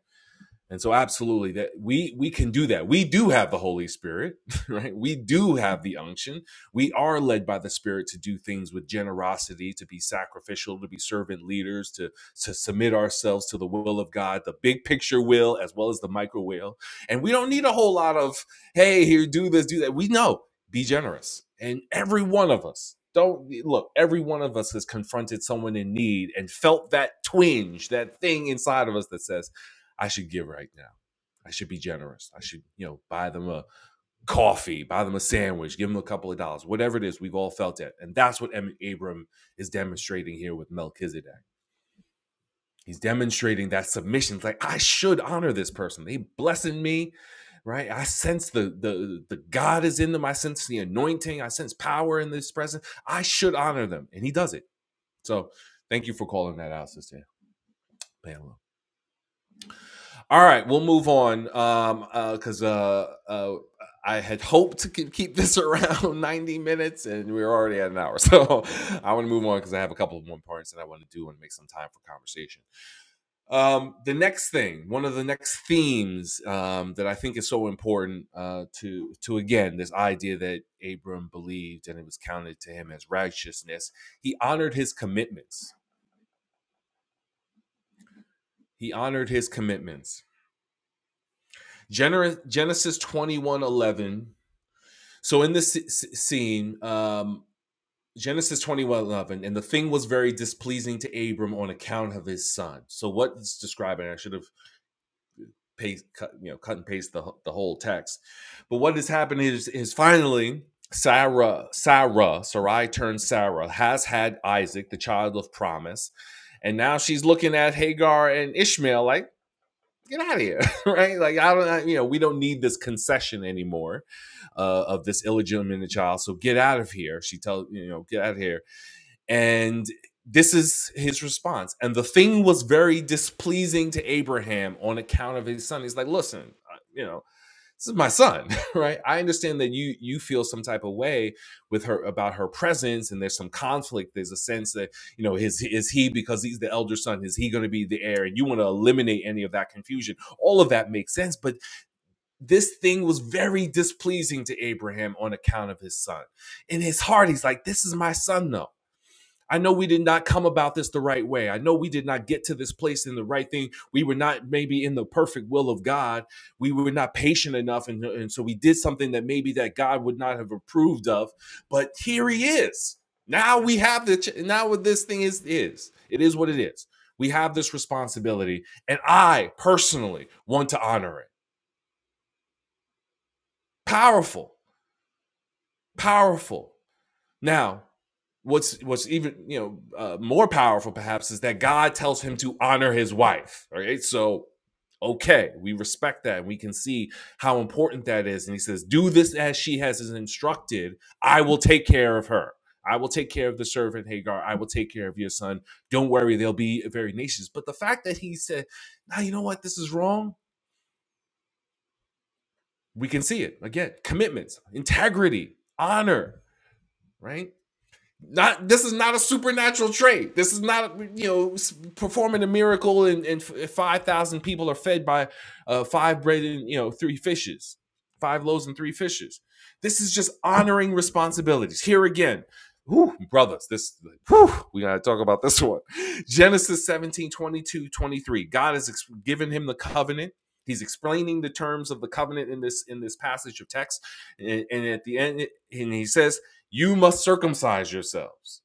S1: And so absolutely that we we can do that. We do have the Holy Spirit, right? We do have the unction. We are led by the Spirit to do things with generosity, to be sacrificial, to be servant leaders, to to submit ourselves to the will of God, the big picture will as well as the micro will. And we don't need a whole lot of hey, here do this, do that. We know be generous. And every one of us don't look, every one of us has confronted someone in need and felt that twinge, that thing inside of us that says I should give right now. I should be generous. I should, you know, buy them a coffee, buy them a sandwich, give them a couple of dollars, whatever it is. We've all felt it. And that's what em- Abram is demonstrating here with Melchizedek. He's demonstrating that submission. It's like, I should honor this person. They blessing me, right? I sense the, the, the God is in them. I sense the anointing. I sense power in this presence. I should honor them. And he does it. So thank you for calling that out, Sister Pamela. All right, we'll move on. Um, uh, cause uh, uh, I had hoped to keep this around 90 minutes and we are already at an hour. So I want to move on because I have a couple of more points that I want to do and make some time for conversation. Um, the next thing, one of the next themes um, that I think is so important uh, to, to again, this idea that Abram believed and it was counted to him as righteousness. He honored his commitments. He honored his commitments. Genesis 21 11. So in this scene, um, Genesis twenty one eleven, and the thing was very displeasing to Abram on account of his son. So what it's describing, I should have paste, cut, you know, cut and paste the the whole text. But what has happened is is finally Sarah, Sarah, Sarai turned Sarah, has had Isaac, the child of promise, and now she's looking at Hagar and Ishmael like, get out of here, right? Like I don't, I- you know, we don't need this concession anymore uh, of this illegitimate child. So get out of here. She tells you know, get out of here. And this is his response. And the thing was very displeasing to Abraham on account of his son. He's like, listen, you know, this is my son right i understand that you you feel some type of way with her about her presence and there's some conflict there's a sense that you know is is he because he's the elder son is he going to be the heir and you want to eliminate any of that confusion all of that makes sense but this thing was very displeasing to abraham on account of his son in his heart he's like this is my son though I know we did not come about this the right way. I know we did not get to this place in the right thing. We were not maybe in the perfect will of God. We were not patient enough. And, and so we did something that maybe that God would not have approved of. But here he is. Now we have the, ch- now what this thing is, is it is what it is. We have this responsibility. And I personally want to honor it. Powerful, powerful. Now, what's what's even you know uh, more powerful perhaps is that God tells him to honor his wife. All right, so okay, we respect that, and we can see how important that is. And he says, "Do this as she has is instructed. I will take care of her. I will take care of the servant Hagar. I will take care of your son. Don't worry, they'll be very nations." But the fact that he said, "Now you know what? This is wrong." We can see it again: commitments, integrity, honor. Right Not this is not a supernatural trait. This is not you know performing a miracle and, and five thousand people are fed by uh, five bread and you know three fishes, five loaves and three fishes. This is just honoring responsibilities. Here again, whew, brothers, this whew, we gotta talk about this one. Genesis 17 22 23. God has ex- given him the covenant. He's explaining the terms of the covenant in this in this passage of text, and, and at the end, and he says you must circumcise yourselves.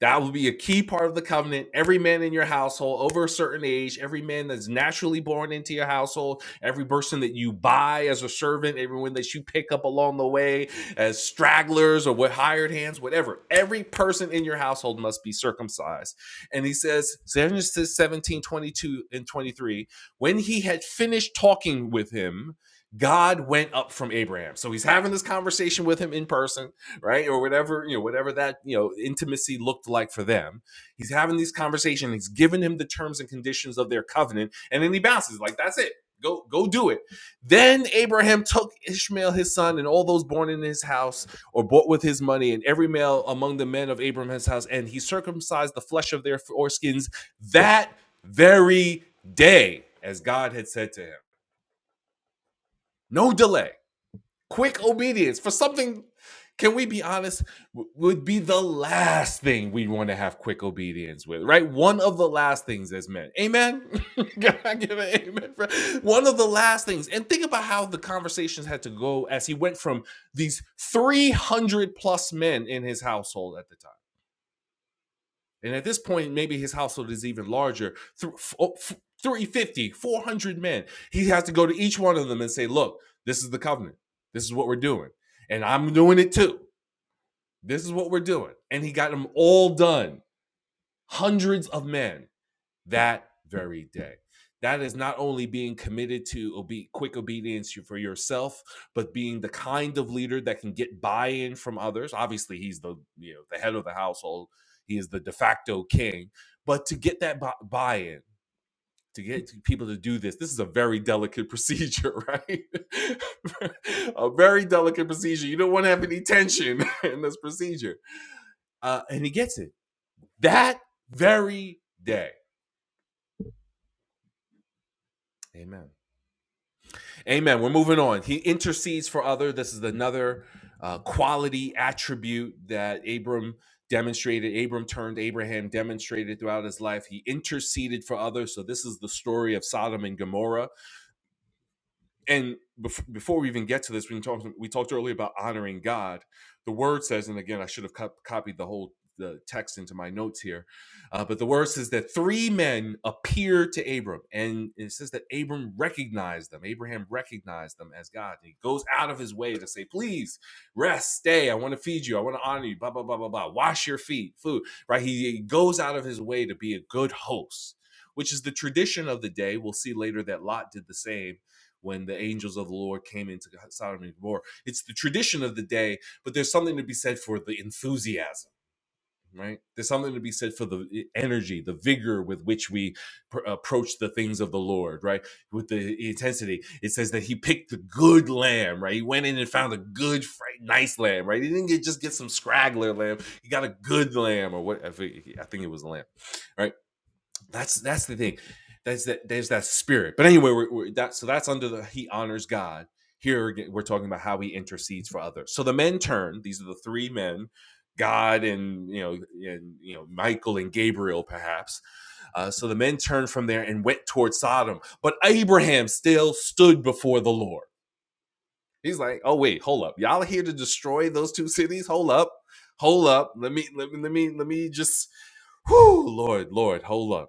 S1: That will be a key part of the covenant. Every man in your household over a certain age, every man that's naturally born into your household, every person that you buy as a servant, everyone that you pick up along the way as stragglers or with hired hands, whatever, every person in your household must be circumcised. And he says, Genesis 17 22 and 23, when he had finished talking with him, God went up from Abraham. So he's having this conversation with him in person right or whatever you know whatever that you know intimacy looked like for them he's having these conversations he's giving him the terms and conditions of their covenant and then he bounces like that's it go go do it then abraham took ishmael his son and all those born in his house or bought with his money and every male among the men of abraham's house and he circumcised the flesh of their foreskins that very day as god had said to him no delay Quick obedience for something, can we be honest, would be the last thing we want to have quick obedience with, right? One of the last things as men. Amen? Can I give an amen? for- One of the last things. And think about how the conversations had to go as he went from these 300 plus men in his household at the time and at this point, maybe his household is even larger. three hundred fifty, four hundred men. He has to go to each one of them and say, look, this is the covenant. This is what we're doing. And I'm doing it too. This is what we're doing. And he got them all done. Hundreds of men that very day. That is not only being committed to obe- quick obedience for yourself, but being the kind of leader that can get buy-in from others. Obviously, he's the you know the head of the household. He is the de facto king. But to get that bu- buy-in, to get people to do this, this is a very delicate procedure, right? a very delicate procedure. You don't want to have any tension in this procedure. Uh, and he gets it that very day. Amen. Amen. We're moving on. He intercedes for other. This is another uh, quality attribute that Abram demonstrated. Abram turned Abraham demonstrated throughout his life. He interceded for others. So this is the story of Sodom and Gomorrah and before we even get to this, we talked we talked earlier about honoring God. The word says, and again, I should have cop- copied the whole the text into my notes here, uh, but the word says that three men appeared to Abram, and it says that Abram recognized them. Abraham recognized them as God. And He goes out of his way to say, "Please rest, stay. I want to feed you. I want to honor you. Blah blah blah blah blah. Wash your feet, food. Right? He he goes out of his way to be a good host." Which is the tradition of the day. We'll see later that Lot did the same when the angels of the Lord came into Sodom and Gomorrah. It's the tradition of the day, but there's something to be said for the enthusiasm, right? There's something to be said for the e, energy, the vigor with which we pr- approach the things of the Lord, right? With the intensity. It says that he picked the good lamb, right? He went in and found a good, nice lamb, right? He didn't get, just get some scraggler lamb. He got a good lamb, or what? I think it was a lamb, right? That's that's the thing. That's that. There's that spirit. But anyway, we're, we're that. So that's under the he honors God. Here we're talking about how he intercedes for others. So the men turn. These are the three men, God and you know and you know Michael and Gabriel perhaps. Uh, so the men turned from there and went towards Sodom. But Abraham still stood before the Lord. He's like, "Oh wait, hold up. Y'all are here to destroy those two cities? Hold up. Hold up. Let me let me let me let me just whew, Lord, Lord, hold up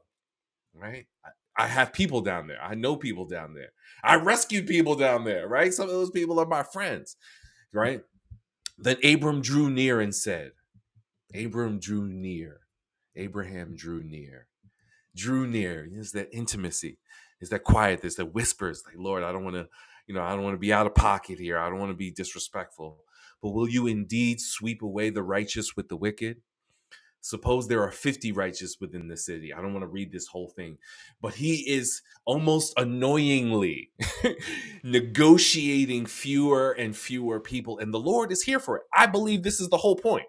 S1: right? I, I have people down there. I know people down there. I rescued people down there, right? Some of those people are my friends, right? Then Abram drew near and said, Abram drew near. Abraham drew near. Drew near is that intimacy, is that quiet, there's that whispers, like, Lord, I don't want to, you know, I don't want to be out of pocket here. I don't want to be disrespectful. But will you indeed sweep away the righteous with the wicked? Suppose there are 50 righteous within the city. I don't want to read this whole thing, but he is almost annoyingly negotiating fewer and fewer people, and the Lord is here for it. I believe this is the whole point,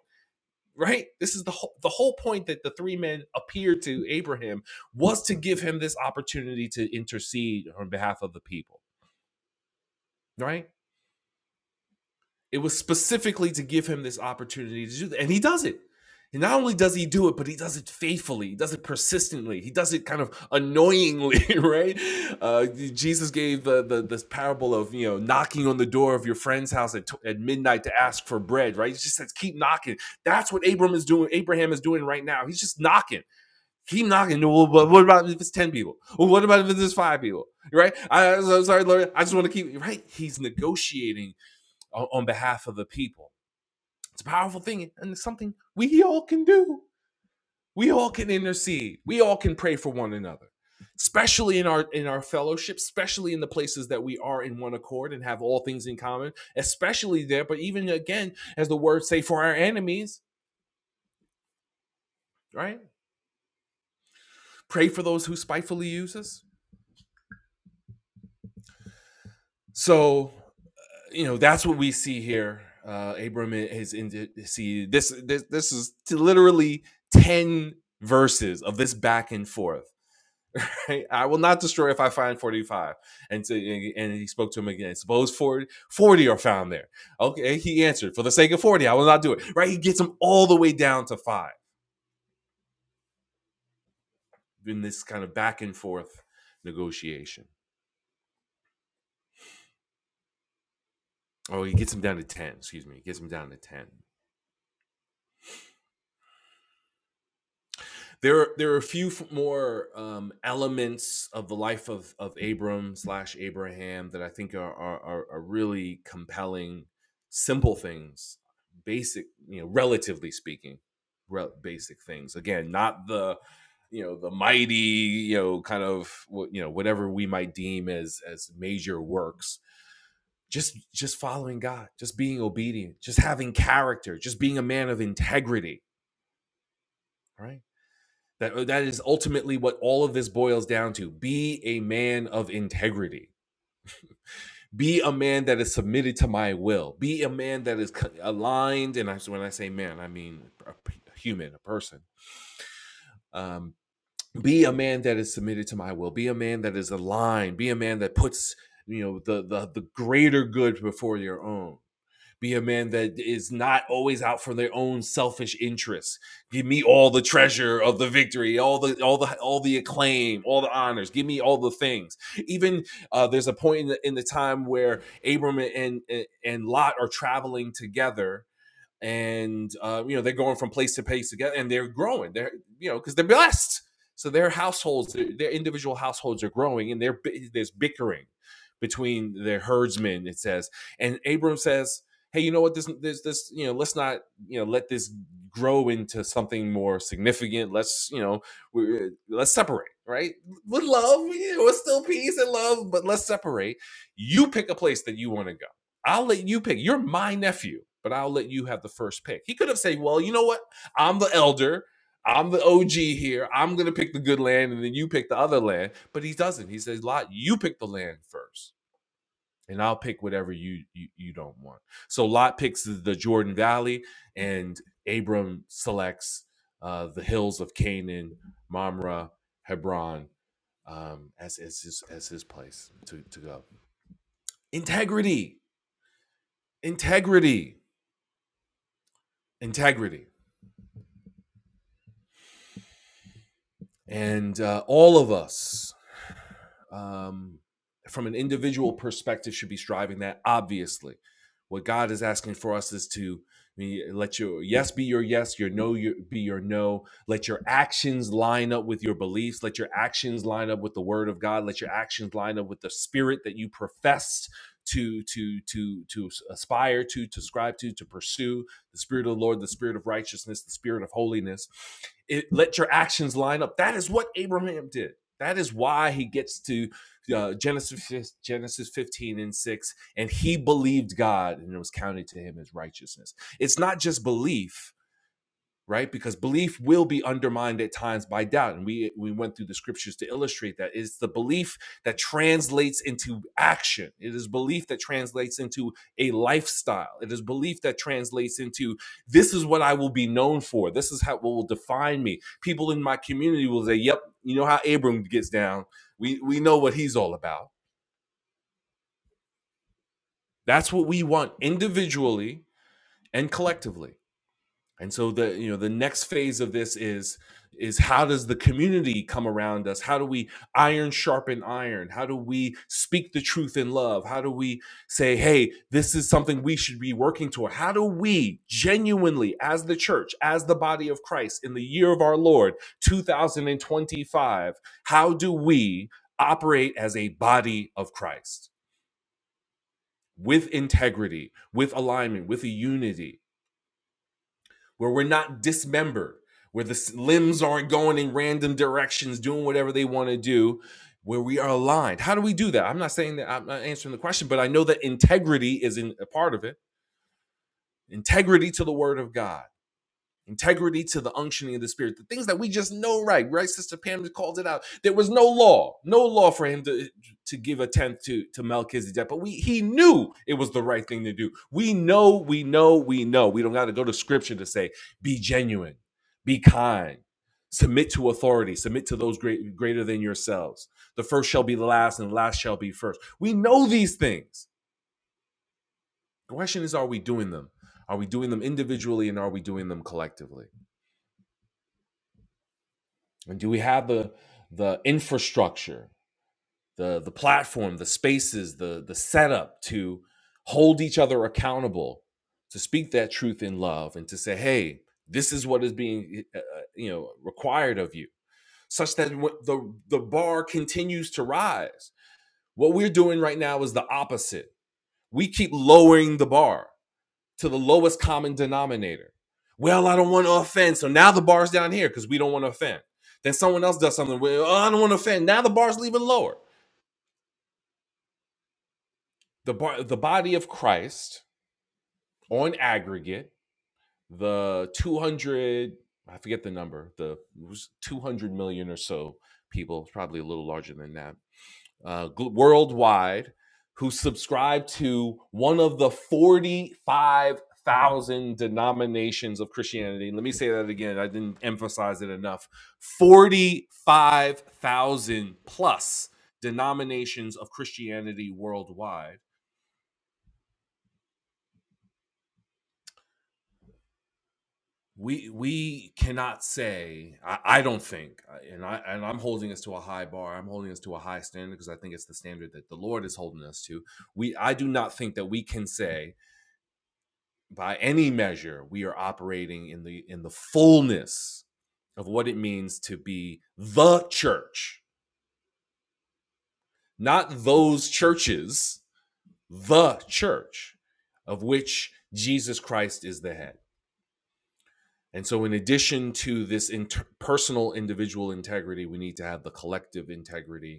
S1: right? This is the whole, the whole point that the three men appeared to Abraham was to give him this opportunity to intercede on behalf of the people, right? It was specifically to give him this opportunity to do that. And he does it. And not only does he do it, but he does it faithfully. He does it persistently. He does it kind of annoyingly, right? Uh, Jesus gave the, the this parable of you know knocking on the door of your friend's house at, at midnight to ask for bread, right? He just says, keep knocking. That's what Abram is doing. Abraham is doing right now. He's just knocking. Keep knocking. Well, what about if it's ten people? Well, what about if it's five people? Right? I, I'm so sorry, Lord. I just want to keep right. He's negotiating on, on behalf of the people. It's a powerful thing and it's something we all can do. We all can intercede. We all can pray for one another. Especially in our in our fellowship, especially in the places that we are in one accord and have all things in common, especially there, but even again, as the words say, for our enemies, right? Pray for those who spitefully use us. So, you know, that's what we see here. Uh, Abram is in see this this this is literally ten verses of this back and forth Right? I will not destroy if I find 45. And, so, and he spoke to him again. Suppose 40, 40 are found there. Okay, he answered, For the sake of 40, I will not do it. Right? He gets him all the way down to five in this kind of back and forth negotiation. Oh, he gets him down to 10. Excuse me. He gets him down to 10. there there are a few more um, elements of the life of of Abram slash Abraham that I think are, are are really compelling, simple things, basic you know, relatively speaking, rel- basic things. Again, not the you know the mighty you know kind of you know whatever we might deem as as major works just just following god just being obedient just having character just being a man of integrity right that uh, that is ultimately what all of this boils down to. Be a man of integrity. Be a man that is submitted to my will. Be a man that is aligned, and when I say man, I mean a human, a person. Um, be a man that is submitted to my will. Be a man that is aligned. Be a man that puts you know the the, the greater good before your own Be a man that is not always out for their own selfish interests. Give me all the treasure of the victory, all the all the all the acclaim, all the honors. Give me all the things. Even uh, there's a point in the, in the time where Abram and and and Lot are traveling together, and uh, you know they're going from place to place together, and they're growing. They're you know because they're blessed, so their households, uh, their, individual households are growing, and they're, there's bickering between their herdsmen. It says, and Abram says, "Hey, you know what? This, this, this, you know, let's not, you know, let this grow into something more significant. Let's, you know, we, uh, let's separate, right? With love, you know, it's still peace and love, but let's separate. You pick a place that you want to go." I'll let you pick. You're my nephew, but I'll let you have the first pick. He could have said, Well, you know what? I'm the elder. I'm the OG here. I'm going to pick the good land and then you pick the other land. But he doesn't. He says, Lot, you pick the land first and I'll pick whatever you, you, you don't want. So Lot picks the Jordan Valley and Abram selects uh, the hills of Canaan, Mamre, Hebron um, as, as, his, as his place to, to go. Integrity. Integrity integrity. And uh, all of us um, from an individual perspective should be striving that obviously what god is asking for us is to I mean, let your yes be your yes your no your, be your no let your actions line up with your beliefs let your actions line up with the word of god let your actions line up with the spirit that you profess to to to to aspire to to strive to to pursue the spirit of the lord the spirit of righteousness the spirit of holiness it, let your actions line up that is what abraham did that is why he gets to uh, Genesis Genesis 15 and 6 and he believed God and it was counted to him as righteousness. It's not just belief, right because belief will be undermined at times by doubt and we we went through the scriptures to illustrate that it's the belief that translates into action it is belief that translates into a lifestyle it is belief that translates into this is what i will be known for this is how what will define me people in my community will say yep you know how abram gets down we we know what he's all about that's what we want individually and collectively and so the you know the next phase of this is is how does the community come around us how do we iron sharpen iron how do we speak the truth in love how do we say hey this is something we should be working toward how do we genuinely as the church as the body of christ in the year of our lord 2025 how do we operate as a body of christ with integrity with alignment with a unity where we're not dismembered, where the s- limbs aren't going in random directions, doing whatever they want to do, where we are aligned. How do we do that? I'm not saying that I'm not answering the question, but I know that integrity is in a part of it. Integrity to the word of God integrity to the unctioning of the spirit the things that we just know right right sister pam called it out there was no law no law for him to to give a tenth to to melchizedek but we he knew it was the right thing to do we know we know we know we don't got to go to scripture to say be genuine be kind submit to authority submit to those great greater than yourselves the first shall be the last and the last shall be first we know these things the question is are we doing them are we doing them individually and are we doing them collectively And do we have the the infrastructure, the the platform, the spaces, the the setup to hold each other accountable, to speak that truth in love, and to say, "Hey, this is what is being uh, uh, you know required of you," such that wh- the the bar continues to rise. What we're doing right now is the opposite. We keep lowering the bar to the lowest common denominator. Well, I don't want to offend. So now the bar's down here because we don't want to offend. Then someone else does something. Well, I don't want to offend. Now the bar's even lower. The bar, the body of Christ on aggregate, the 200, I forget the number, the was 200 million or so people, it's probably a little larger than that uh, worldwide who subscribe to one of the 45,000 denominations of Christianity. Let me say that again. I didn't emphasize it enough. 45,000 plus denominations of Christianity worldwide. We we cannot say I, I don't think uh, and I and I'm holding us to a high bar. I'm holding us to a high standard because I think it's the standard that the Lord is holding us to. We I do not think that we can say by any measure we are operating in the in the fullness of what it means to be the church not those churches the church of which Jesus Christ is the head and so in addition to this inter- personal individual integrity we need to have the collective integrity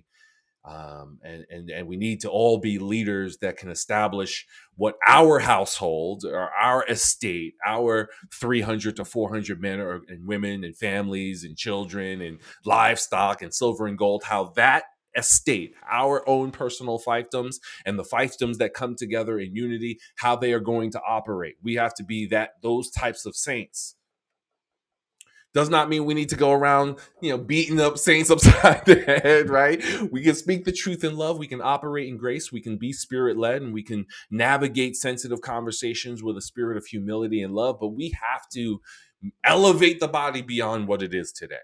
S1: um, and, and and we need to all be leaders that can establish what our household or our estate, our 300 to 400 men or, and women and families and children and livestock and silver and gold, how that estate, our own personal fiefdoms and the fiefdoms that come together in unity, how they are going to operate. We have to be that those types of saints does not mean we need to go around, you know, beating up saints upside the head, right? We can speak the truth in love. We can operate in grace. We can be spirit led and we can navigate sensitive conversations with a spirit of humility and love. But we have to elevate the body beyond what it is today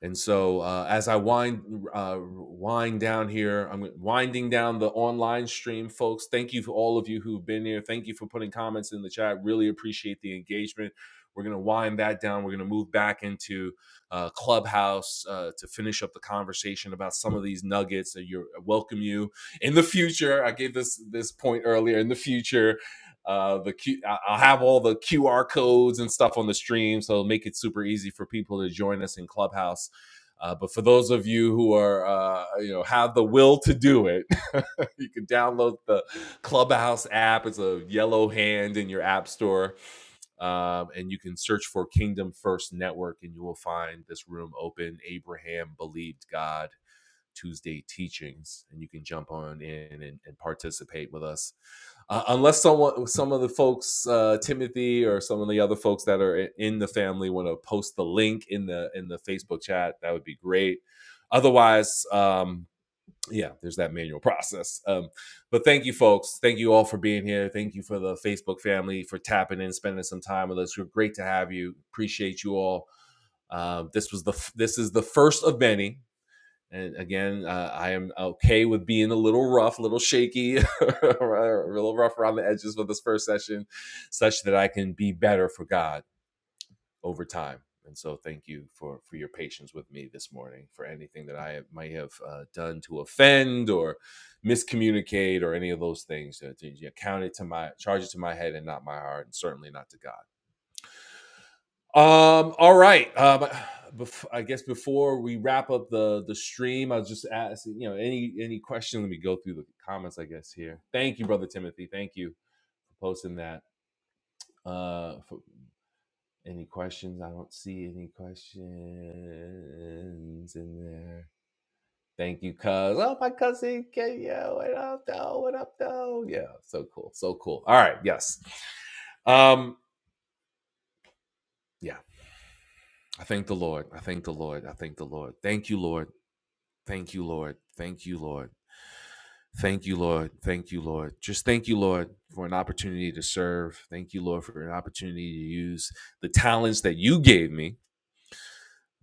S1: and so, uh, as I wind uh, wind down here, I'm winding down the online stream, folks. Thank you for all of you who've been here. Thank you for putting comments in the chat. Really appreciate the engagement. We're gonna wind that down. We're gonna move back into uh, Clubhouse uh, to finish up the conversation about some of these nuggets. That you welcome you in the future. I gave this this point earlier. In the future, uh, the Q, I- I'll have all the QR codes and stuff on the stream, so it'll make it super easy for people to join us in Clubhouse uh, but for those of you who are, uh, you know, have the will to do it, you can download the Clubhouse app. It's a yellow hand in your app store, um, and you can search for Kingdom First Network, and you will find this room open. Abraham believed God Tuesday teachings, and you can jump on in and, and participate with us. Uh, unless someone, some of the folks, uh, Timothy or some of the other folks that are in the family, want to post the link in the in the Facebook chat, that would be great. Otherwise, um, yeah, there's that manual process. Um, but thank you, folks. Thank you all for being here. Thank you for the Facebook family for tapping in, spending some time with us. We're great to have you. Appreciate you all. Uh, this was the this is the first of many and again, uh, I am okay with being a little rough, a little shaky, a little rough around the edges with this first session, such that I can be better for God over time. And so, thank you for for your patience with me this morning for anything that I might have uh, done to offend or miscommunicate or any of those things. Uh, to- you know, count it to my charge it to my head and not my heart, and certainly not to God. Um, all right. Um, bef- I guess before we wrap up the the stream, I'll just ask you know any any question. Let me go through the comments. I guess here. Thank you, brother Timothy. Thank you for posting that. Uh, for any questions? I don't see any questions in there. Thank you, cuz. Oh, my cousin Kenya. What up, though? What up, though? Yeah, so cool. So cool. All right. Yes. Um, yeah. I thank the Lord. I thank the Lord. I thank the Lord. Thank you, Lord. Thank you, Lord. Thank you, Lord. Thank you, Lord. Thank you, Lord. Just thank you, Lord, for an opportunity to serve. Thank you, Lord, for an opportunity to use the talents that you gave me,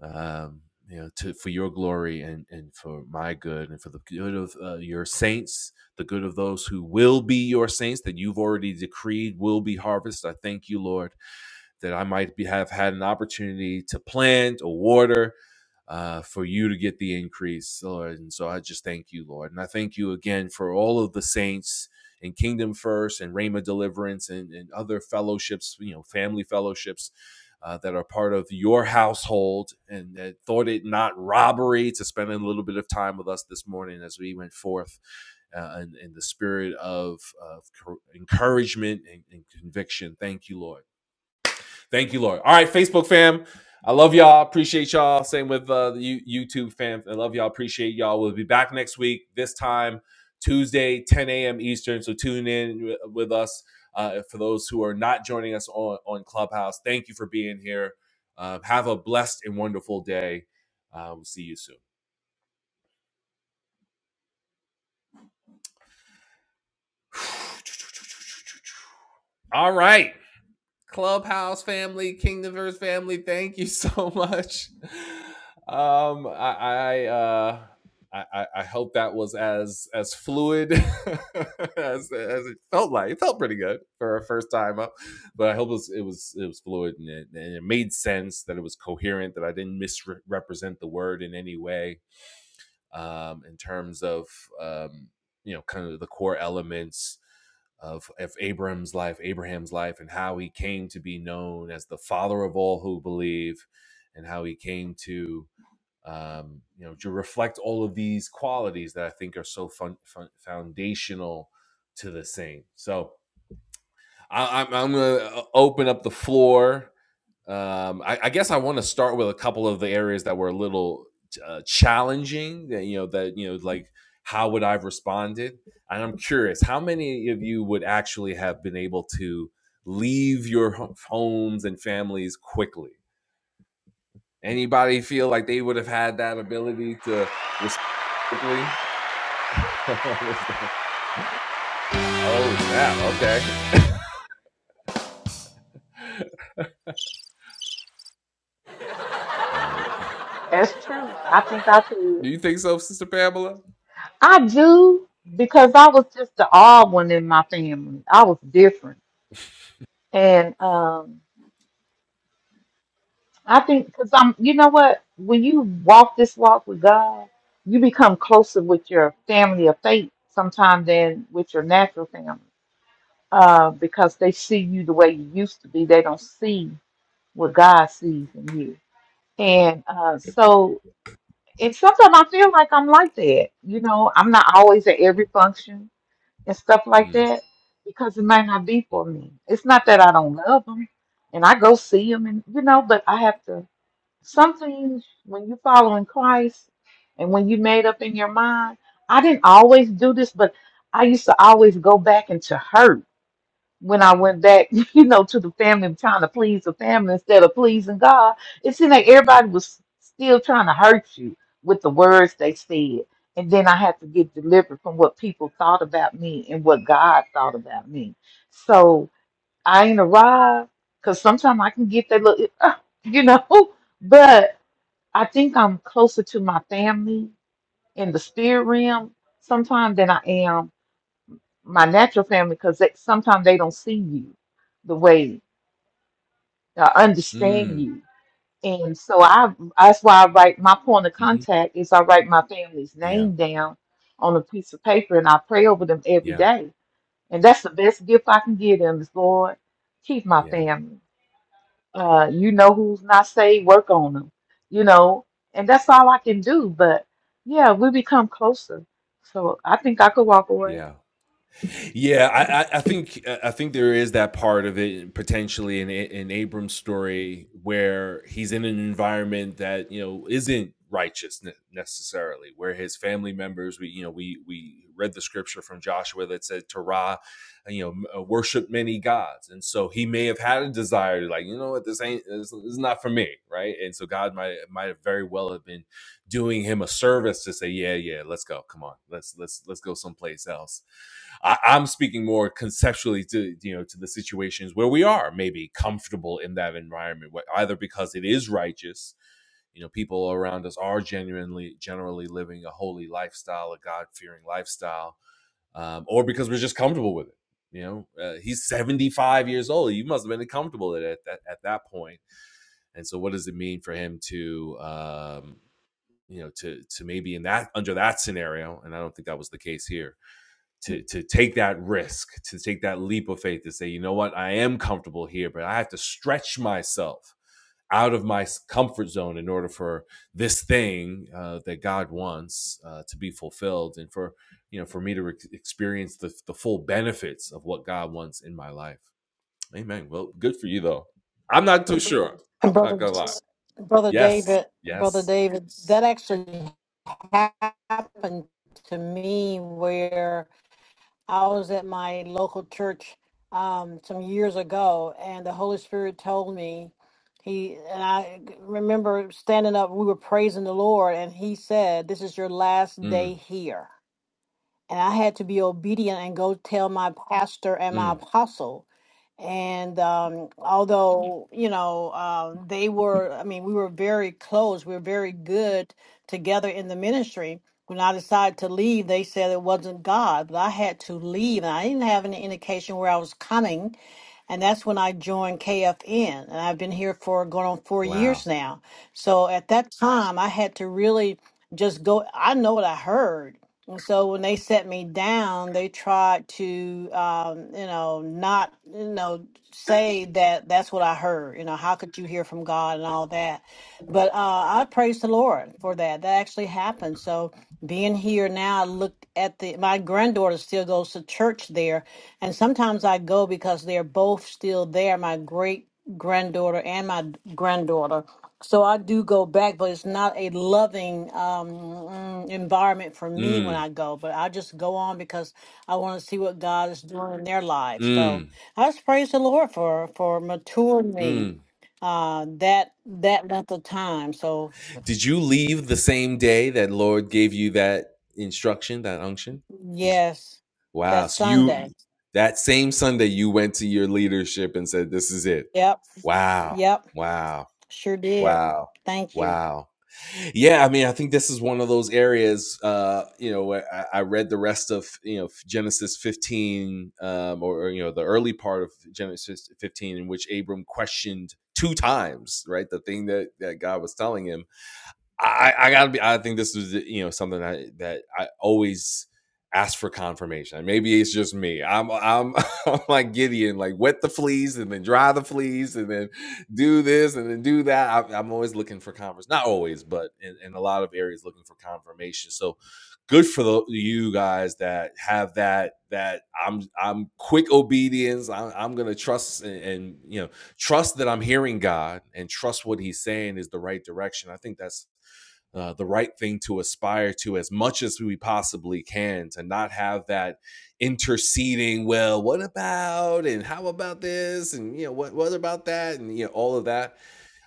S1: um, you know, to, for your glory and, and for my good and for the good of uh, your saints, the good of those who will be your saints that you've already decreed will be harvested. I thank you, Lord that I might be, have had an opportunity to plant or water uh, for you to get the increase, Lord. And so I just thank you, Lord. And I thank you again for all of the saints and Kingdom First and Rhema Deliverance and, and other fellowships, you know, family fellowships. Uh, that are part of your household and that thought it not robbery to spend a little bit of time with us this morning as we went forth uh, in, in the spirit of, of encouragement and, and conviction. Thank you, Lord. Thank you, Lord. All right, Facebook fam. I love y'all. Appreciate y'all. Same with uh, the you YouTube fam. I love y'all. Appreciate y'all. We'll be back next week, this time, Tuesday, 10 a.m. Eastern. So tune in wi- with us. Uh, for those who are not joining us on, on Clubhouse, thank you for being here. Um, have a blessed and wonderful day. Uh, we'll see you soon. All right. Clubhouse family, Kingdomverse family, thank you so much. Um, I I, uh, I I hope that was as as fluid as as it felt like. It felt pretty good for a first time up, but I hope it was it was it was fluid and it, and it made sense that it was coherent that I didn't misrepresent the word in any way um, in terms of um, you know kind of the core elements of, of Abraham's life, Abraham's life, and how he came to be known as the father of all who believe, and how he came to um, you know to reflect all of these qualities that I think are so fun, fun, foundational to the same. So I, I'm, I'm going to open up the floor um, I, I guess I want to start with a couple of the areas that were a little uh, challenging. That you know that you know like how would I've responded? And I'm curious, how many of you would actually have been able to leave your ho- homes and families quickly? Anybody feel like they would have had that ability to respond quickly? oh snap! Okay. Oh,
S4: That's true. I think I could.
S1: do you think so, Sister Pamela?
S4: I do because I was just the odd one in my family. I was different. And um, I think because I'm, you know what? When you walk this walk with God, you become closer with your family of faith sometimes than with your natural family uh, because they see you the way you used to be. They don't see what God sees in you. And uh, so, and sometimes I feel like I'm like that. You know, I'm not always at every function and stuff like
S1: Mm.
S4: that because it might not be for me. It's not that I don't love them and I go see them and you know, but I have to some things when you are following Christ and when you made up in your mind, I didn't always do this, but I used to always go back into hurt when I went back, you know, to the family, trying to please the family instead of pleasing God, it seemed like everybody was still trying to hurt you with the words they said. And then I had to get delivered from what people thought about me and what God thought about me. So I ain't arrived because sometimes I can get that little, you know, but I think I'm closer to my family in the spirit realm sometimes than I am my natural family because they, sometimes they don't see you the way uh, understand
S1: Mm.
S4: you and so i that's why i write my point of
S1: hmm
S4: contact is i write my family's
S1: Yeah.
S4: name down on a piece of paper and i pray over them every
S1: Yeah.
S4: day and that's the best gift i can give them is lord keep my
S1: Yeah.
S4: family uh, you know who's not saved work
S1: mm,
S4: on them you know and that's all i can do but yeah we become closer so i think i could walk away
S1: Yeah. Yeah, I, I, think I think there is that part of it potentially in in Abram's story where he's in an environment that you know isn't righteous necessarily, where his family members, we you know we we read the scripture from Joshua that said Torah, you know, m- uh, worship many gods, and so he may have had a desire to like you know what this ain't this, this is not for me, right? And so God might might very well have been doing him a service to say yeah yeah let's go come on let's let's let's go someplace else I, I'm speaking more conceptually to you know to the situations where we are maybe comfortable in that environment, either because it is righteous, you know, people around us are genuinely generally living a holy lifestyle, a God fearing lifestyle, um, or because we're just comfortable with it. You know, uh, he's 75 years old. You must have been comfortable at, at that at that point. And so, what does it mean for him to, um, you know, to to maybe in that under that scenario? And I don't think that was the case here to to take that risk, to take that leap of faith, to say, you know what, I am comfortable here, but I have to stretch myself out of my comfort zone in order for this thing uh, that God wants uh, to be fulfilled, and for you know, for me to re- experience the the full benefits of what God wants in my life. Amen. Well, good for you though. I'm not too sure. I'm
S5: And
S1: not
S5: brother,
S1: gonna lie.
S5: brother
S1: Yes.
S5: David, brother
S1: Yes.
S5: David, that actually happened to me where I was at my local church um, some years ago, and the Holy Spirit told me he and I remember standing up. We were praising the Lord, and He said, "This is your last day
S1: Mm,
S5: here." And I had to be obedient and go tell my pastor and my
S1: mm,
S5: apostle and um, although you know uh, they were i mean we were very close we were very good together in the ministry when i decided to leave they said it wasn't god but i had to leave and i didn't have any indication where i was coming and that's when I joined KFN. And I've been here for going on four
S1: wow.
S5: years now. So at that time, I had to really just go, I know what I heard. And so when they set me down, they tried to, um, you know, not, you know, say that that's what I heard. You know, how could you hear from God and all that? But uh, I praise the Lord for that. That actually happened. So being here now, I look at the, my granddaughter still goes to church there and sometimes I go because they're both still there, my great granddaughter and my granddaughter. So I do go back, but it's not a loving um, mm, environment for me when
S1: Mm,
S5: I go. But I just go on because I want to see what God is doing in their lives. So
S1: mm,
S5: I just praise the Lord for for maturing me
S1: mm.
S5: uh, that that length of time. So
S1: Did you leave the same day that Lord gave you that instruction, that unction? Did you,
S5: yes,
S1: wow.
S5: that
S1: So you
S5: Sunday.
S1: that same Sunday you went to your leadership and said, "This is it."
S5: Yep,
S1: Wow.
S5: yep,
S1: Wow.
S5: sure did.
S1: Wow.
S5: Thank you.
S1: Wow. Yeah, I mean, I think this is one of those areas. Uh, you know, where I, I read the rest of you know Genesis 15, um, or, or, you know the early part of Genesis 15, in which Abram questioned two times, right? The thing that that God was telling him, I, I gotta be. I think this was you know something that that I always ask for confirmation. Maybe it's just me. I'm I'm I'm like Gideon, like wet the fleas and then dry the fleas and then do this and then do that. I, I'm always looking for confirmation. Not always, but in, in a lot of areas, looking for confirmation. So good for the, you guys that have that that I'm I'm quick obedience. I'm, I'm gonna trust and, and you know trust that I'm hearing God and trust what He's saying is the right direction. I think that's uh, the right thing to aspire to as much as we possibly can to not have that interceding well what about and how about this and you know what what about that and you know all of that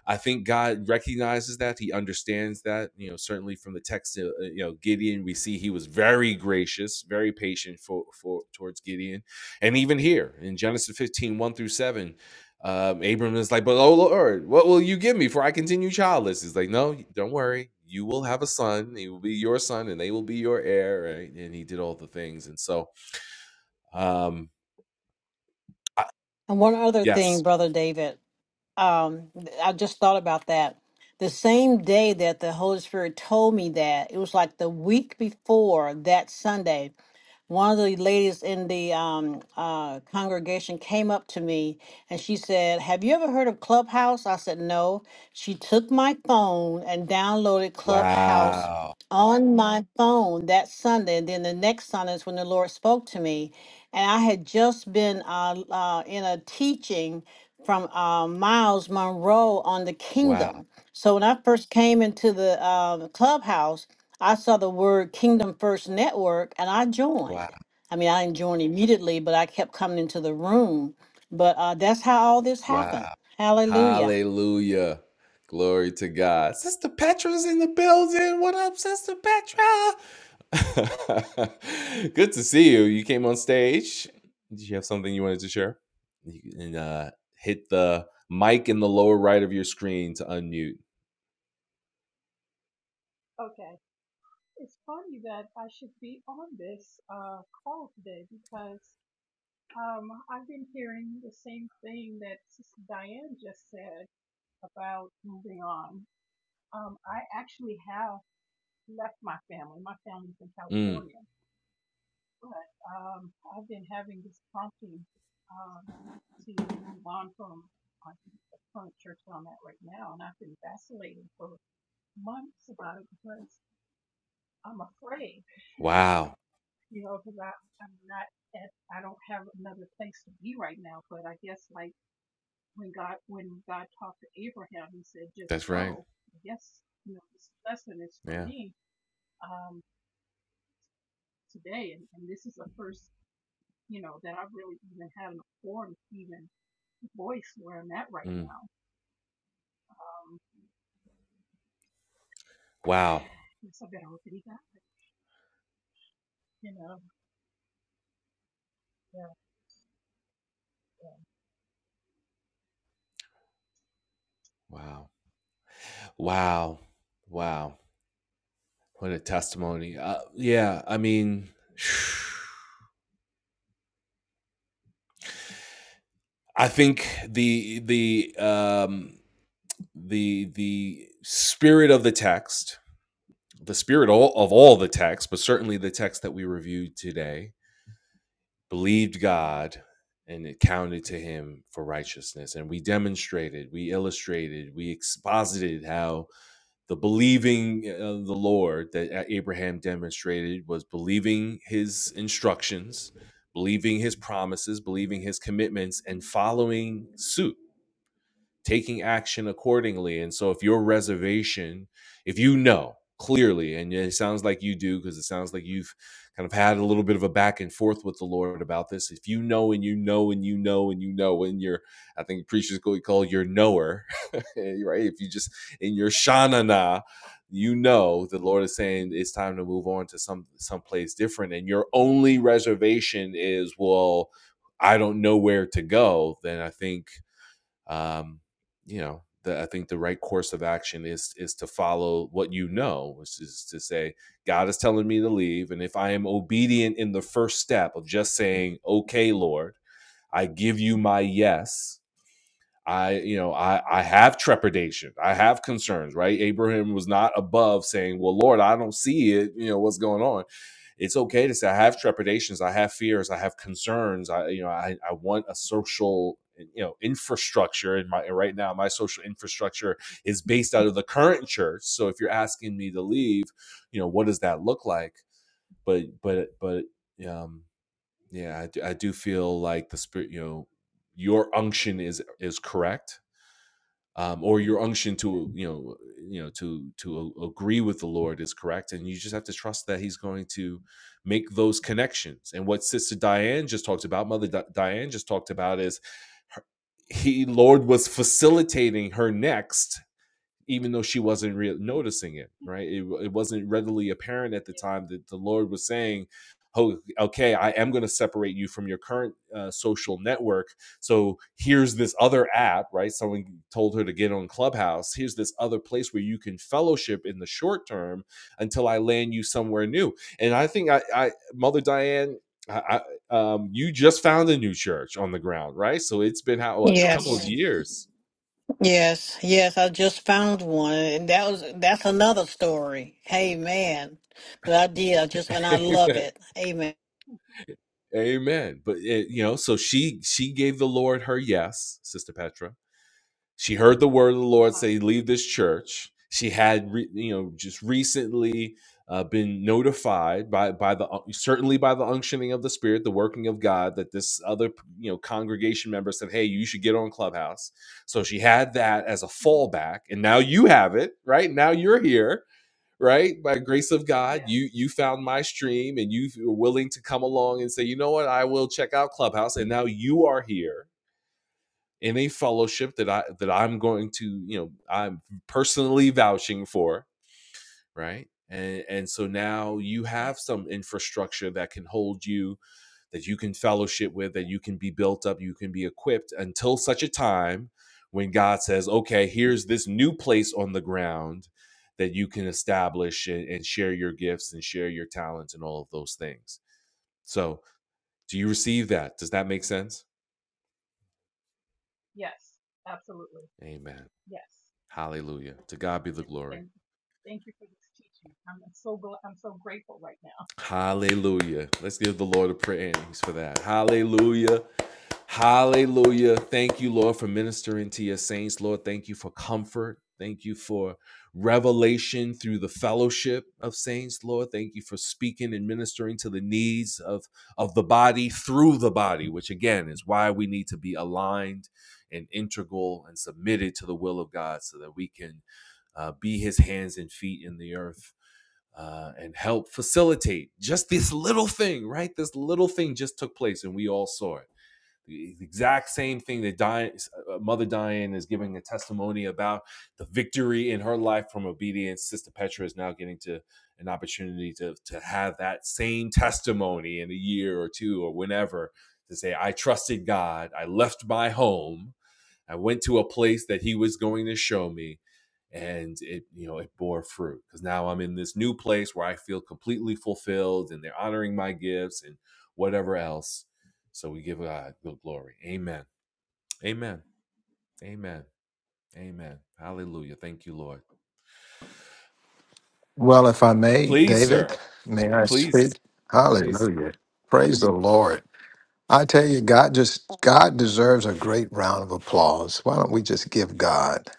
S1: I think God recognizes that. He understands that. You know, certainly from the text, uh, uh, you know, Gideon, we see he was very gracious, very patient for for towards Gideon, and even here in Genesis fifteen, one through seven, um, Abram is like, "But oh Lord, what will you give me for I continue childless?" He's like, "No, don't worry, you will have a son. He will be your son, and they will be your heir." Right? And he did all the things, and so, um, I-
S5: And one other thing,
S1: yes,
S5: Brother David. um I just thought about that. The same day that the Holy Spirit told me that, it was like the week before that Sunday one of the ladies in the um, uh, congregation came up to me and she said, Have you ever heard of Clubhouse? I said, No. She took my phone and downloaded Clubhouse
S1: wow,
S5: on my phone that Sunday. And then the next Sunday is when the Lord spoke to me. And I had just been uh, uh, in a teaching from uh, Miles Monroe on the
S1: wow,
S5: kingdom. So when I first came into the uh, clubhouse, I saw the word Kingdom First Network and I
S1: wow.
S5: joined. I mean, I didn't join immediately, but I kept coming into the room. But uh, that's how all this happened.
S1: Wow.
S5: Hallelujah.
S1: Hallelujah. Glory to God. Sister Petra's in the building. What up, Sister Petra? Good to see you. You came on stage. Did you have something you wanted to share? You can uh, hit the mic in the lower right of your screen to unmute.
S6: Okay. It's funny that I should be on this uh, call today because um, I've been hearing the same thing that Sister Diane just said about moving on. Um, I actually have left my family. My family's in
S1: Mm.
S6: California, but um, I've been having this prompting um, to move on from my the current church that I'm at right now, and I've been vacillating for months about it because I'm afraid.
S1: Wow.
S6: you know, because I am not at I don't have another place to be right now. But I guess like when God when God talked to Abraham, He said, "Just
S1: That's right.
S6: go." I guess you know this lesson is for
S1: Yeah.
S6: me um, today, and, and this is the first you know that I've really even had a form even voice where I'm at right
S1: Mm.
S6: now. Um,
S1: Wow.
S6: so I better obey God. You know, yeah, yeah,
S1: Wow. Wow. Wow. What a testimony. Uh, yeah. I mean, I
S6: mm-hmm.
S1: think the the um, the the spirit of the text, the spirit of all the text, but certainly the text that we reviewed today, believed
S6: mm-hmm,
S1: God and it counted to him for righteousness. And we demonstrated, we illustrated, we exposited how the believing uh, of the Lord that Abraham demonstrated was believing his instructions, believing his promises, believing
S6: yeah,
S1: his commitments, and following suit taking action accordingly. And so if your reservation, if you know clearly, and it sounds like you do, because it sounds like you've kind of had a little bit of a back and forth with the Lord about this. If you know and you know and you know and you know and you're, I think preachers call your knower, right? If you just in
S6: yeah,
S1: your shanana, you know the Lord is saying
S6: mm-hmm.
S1: it's time to move on to some some place different, and your only reservation is, well, I don't know where to go. Then I think um, you know, the, I think the right course of action is is to follow what you know, which is to say, God is telling me to leave, and if I am obedient in the first step of just saying, "Okay, Lord, I give you my yes," I, you know, I, I
S6: yeah,
S1: have trepidation. I have concerns, right? Abraham was not above saying, Well, Lord, I don't see it. You know, what's going on? It's okay to say, I have trepidations. I have fears. I have concerns. I, you know, I, I want a social, you know, infrastructure. And my, right now, my social infrastructure is based out of the current church. So if you're asking me to leave, you know, what does that look like? But, but, but, um, yeah, I do, I do feel like the spirit, you know, your unction is is correct um, or your unction to you know you know to to agree with the Lord is correct, and you just have to trust that He's going to make those connections. And what Sister Diane just talked about, Mother Di- Diane just talked about, is her, He Lord was facilitating her next even though she wasn't re- noticing it, right? It, it wasn't readily apparent at the
S6: yeah,
S1: time that the Lord was saying, oh, okay, I am going to separate you from your current uh, social network. So here's this other app, right? Someone told her to get on Clubhouse. Here's this other place where you can fellowship in the short term until I land you somewhere new. And I think I, I Mother Diane, I, I, um, you just found a new church on the ground, right? So it's been how what, a couple yes. of
S5: Yes,
S1: Yes.
S5: yes, yes. I just found one, and that was that's another story. Amen. But I did. I just and I
S1: years.
S5: love it. Amen.
S6: yeah.
S1: Amen. But it, you know, so she she gave the Lord her yes, Sister Petra. She heard the word of the
S6: mm-hmm,
S1: Lord
S6: uh-huh,
S1: say, "Leave this church." She had, re, you know, just recently uh, been notified by by the uh, certainly by the unctioning of the Spirit, the working of God, that this other you know congregation member said, "Hey, you should get on Clubhouse." So she had that as a
S6: mm-hmm.
S1: fallback, and now you have it. Right now, you're here right by grace of god
S6: yes,
S1: you you found my stream and you were willing to come along and say you know what i will check out clubhouse and now you are here in a fellowship that i that i'm going to you know i'm personally vouching for right and and so now you have
S6: yes.
S1: some infrastructure that can hold you that you can fellowship with, that you can be built up, you can be equipped until such a time when God says, okay, here's this new place on the ground that you can establish and, and share your gifts and share your talents and all of those things. So, do you receive that? Does that make sense?
S6: Yes, absolutely.
S1: Amen.
S6: Yes.
S1: Hallelujah. To God be the glory.
S6: Thank thank you for this teaching. I'm so glad, I'm so grateful right now.
S1: Hallelujah. Let's give the Lord a praise for that. Hallelujah. Hallelujah. Thank you, Lord, for ministering to your saints. Lord, thank you for comfort. Thank you for revelation through the fellowship of saints, Lord. Thank you for speaking and ministering to the needs of, of the body through the body, which again is why we need to be aligned and integral and submitted to the will of God so that we can uh, be his hands and feet in the earth. uh, and help facilitate just this little thing, right? This little thing just took place and we all saw it the exact same thing that Di- uh, uh, Mother Diane is giving a testimony about the victory in her life from obedience. Sister Petra is now getting to an opportunity to, to have that same testimony in a year or two or whenever to say, I trusted God. I left my home. I went to a place that He was going to show me. And it, you know, it bore fruit because now I'm in this new place where I feel completely fulfilled and they're honoring my gifts and whatever else so we give God the glory. Amen. Amen. Amen. Amen. Hallelujah. Thank you, Lord.
S2: Well, if I may,
S1: Please,
S2: David,
S1: sir.
S2: may I
S1: Please.
S2: speak?
S1: Please.
S2: Hallelujah. Praise the Lord. I tell you, God just God deserves a great round of applause. Why don't we just give God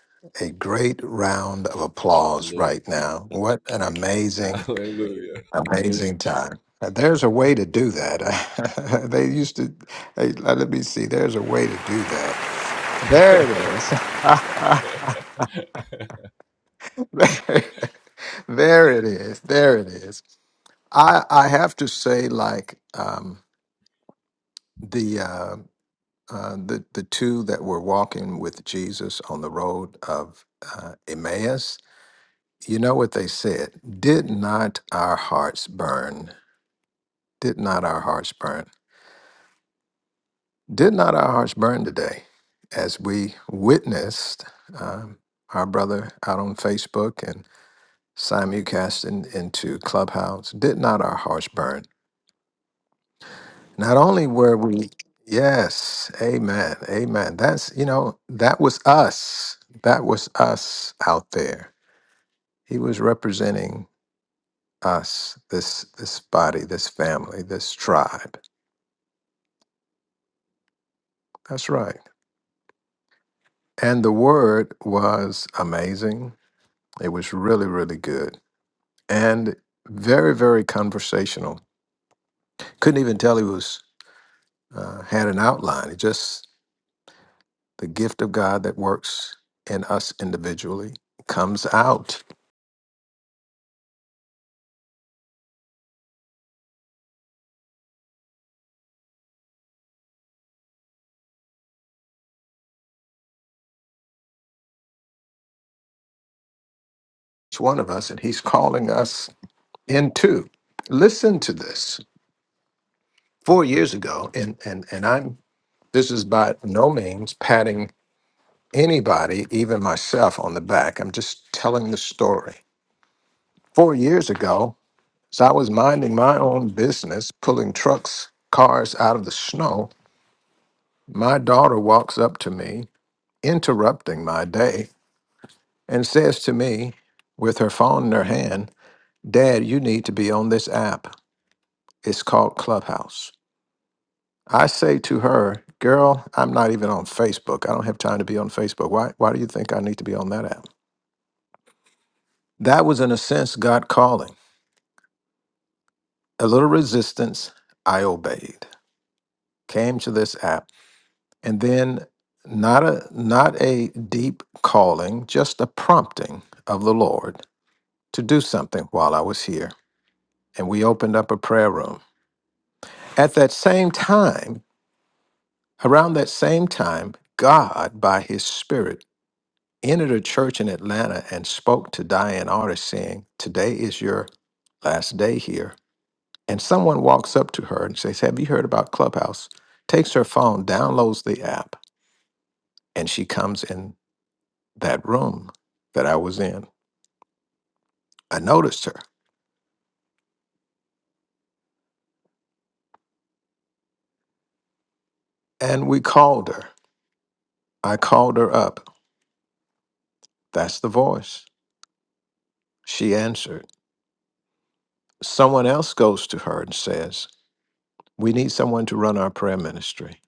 S2: a great round of applause
S1: Hallelujah.
S2: right now? What an amazing,
S1: Hallelujah.
S2: amazing time. Uh, There's a way to do that. they used to, hey, let let me see, there's a way to do that. There it is. there there it is. There it is. I, I have to say, like, um, the uh, uh, the the two that were walking with Jesus on the road of uh, Emmaus. You know what they said? Did not our hearts burn? Did not our hearts burn? Did not our hearts burn today, as we witnessed um, our brother out on Facebook and simulcasting into Clubhouse? Did not our hearts burn? Not only were we, yes, amen, amen. That's, you know, that was us. That was us out there. He was representing us, this this body, this family, this tribe. That's right. And the word was amazing. It was really, really good and very, very conversational. Couldn't even tell he was uh, had an outline. It just the gift of God that works in us individually comes out each one of us, and he's calling us into. Listen to this. Four years ago, and and and I'm this is by no means patting anybody, even myself, on the back. I'm just telling the story. Four years ago, as I was minding my own business, pulling trucks, cars out of the snow, my daughter walks up to me, interrupting my day, and says to me, with her phone in her hand, Dad, you need to be on this app. It's called Clubhouse. I say to her, "Girl, I'm not even on Facebook. I don't have time to be on Facebook. Why? Why do you think I need to be on that app?" That was, in a sense, God calling. A little resistance, I obeyed. Came to this app, and then not a not a deep calling, just a prompting of the Lord to do something while I was here. And we opened up a prayer room. At that same time, around that same time, God, by His Spirit entered a church in Atlanta and spoke to Diane Artist, saying, Today is your last day here. And someone walks up to her and says, Have you heard about Clubhouse? Takes her phone, downloads the app, and she comes in that room that I was in. I noticed her and we called her. I called her up. That's the voice. She answered. Someone else goes to her and says, We need someone to run our prayer ministry.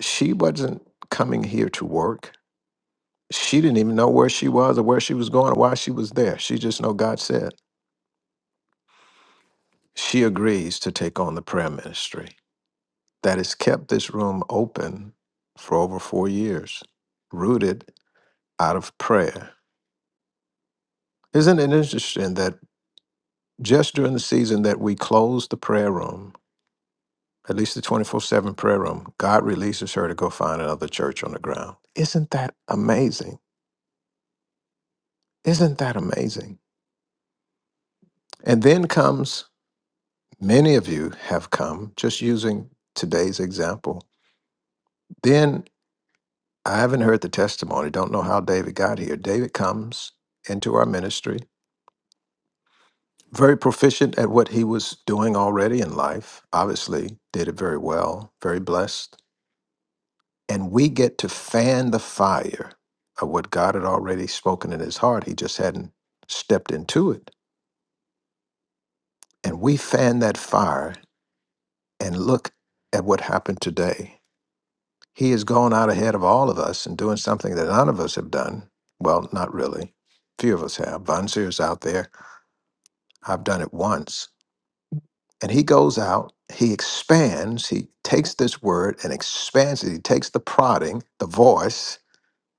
S2: She wasn't coming here to work. She didn't even know where she was or where she was going or why she was there. She just know God said. She agrees to take on the prayer ministry that has kept this room open for over four years, rooted out of prayer. Isn't it interesting that just during the season that we closed the prayer room, at least the 24 7 prayer room, God releases her to go find another church on the ground? Isn't that amazing? Isn't that amazing? And then comes Many of you have come just using today's example. Then I haven't heard the testimony, don't know how David got here. David comes into our ministry, very proficient at what he was doing already in life, obviously, did it very well, very blessed. And we get to fan the fire of what God had already spoken in his heart. He just hadn't stepped into it. And we fan that fire and look at what happened today He has gone out ahead of all of us and doing something that none of us have done. Well, not really. Few of us have. Von Seer's out there. I've done it once. And he goes out, he expands, he takes this word and expands it. He takes the prodding, the voice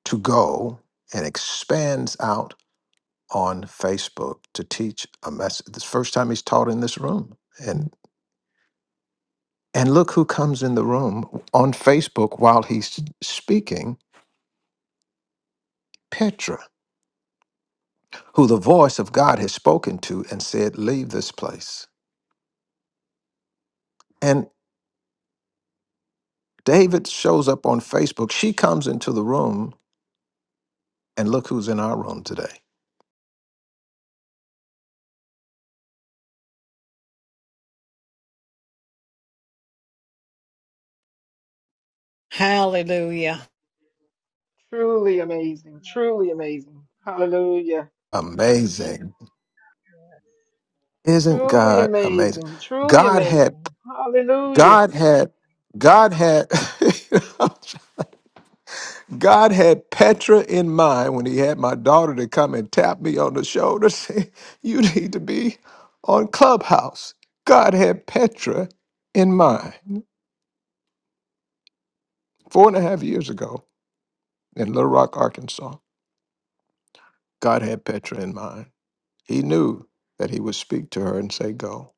S2: to go and expands out on Facebook to teach a message. This first time he's taught in this room. And and look who comes in the room on Facebook while he's speaking, Petra. who the voice of God has spoken to and said, Leave this place. And David shows up on Facebook. She comes into the room, and look who's in our room today.
S5: Hallelujah.
S7: Truly
S6: Yes,
S7: amazing, truly amazing.
S6: yes,
S7: Hallelujah.
S2: Amazing.
S6: yes,
S2: Isn't
S7: Truly
S2: God amazing?
S7: amazing, truly
S2: God had,
S7: amazing. Hallelujah.
S2: God had, God had, God had Petra in mind when he had my daughter to come and tap me on the shoulder, say, You need to be on Clubhouse. God had Petra in mind four and a half years ago in Little Rock, Arkansas. God had Petra in mind. He knew that he would speak to her and say, Go.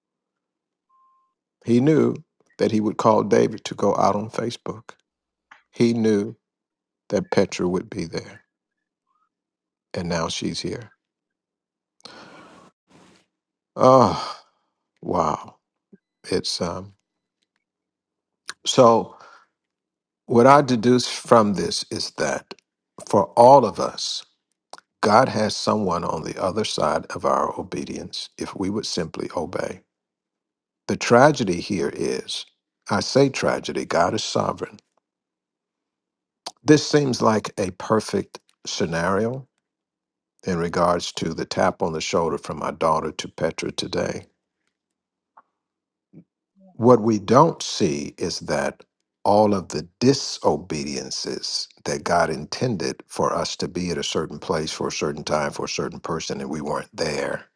S2: He knew that he would call David to go out on Facebook. He knew that Petra would be there. And now she's here. Oh, wow. It's um so what I deduce from this is that for all of us, God has someone on the other side of our obedience if we would simply obey. The tragedy here is I say tragedy, God is sovereign. This seems like a perfect scenario in regards to the tap on the shoulder from my daughter to Petra today. What
S6: yes,
S2: we don't see is that all of the disobediences that God intended for us to be at a certain place for a certain time for a certain person, and we weren't there.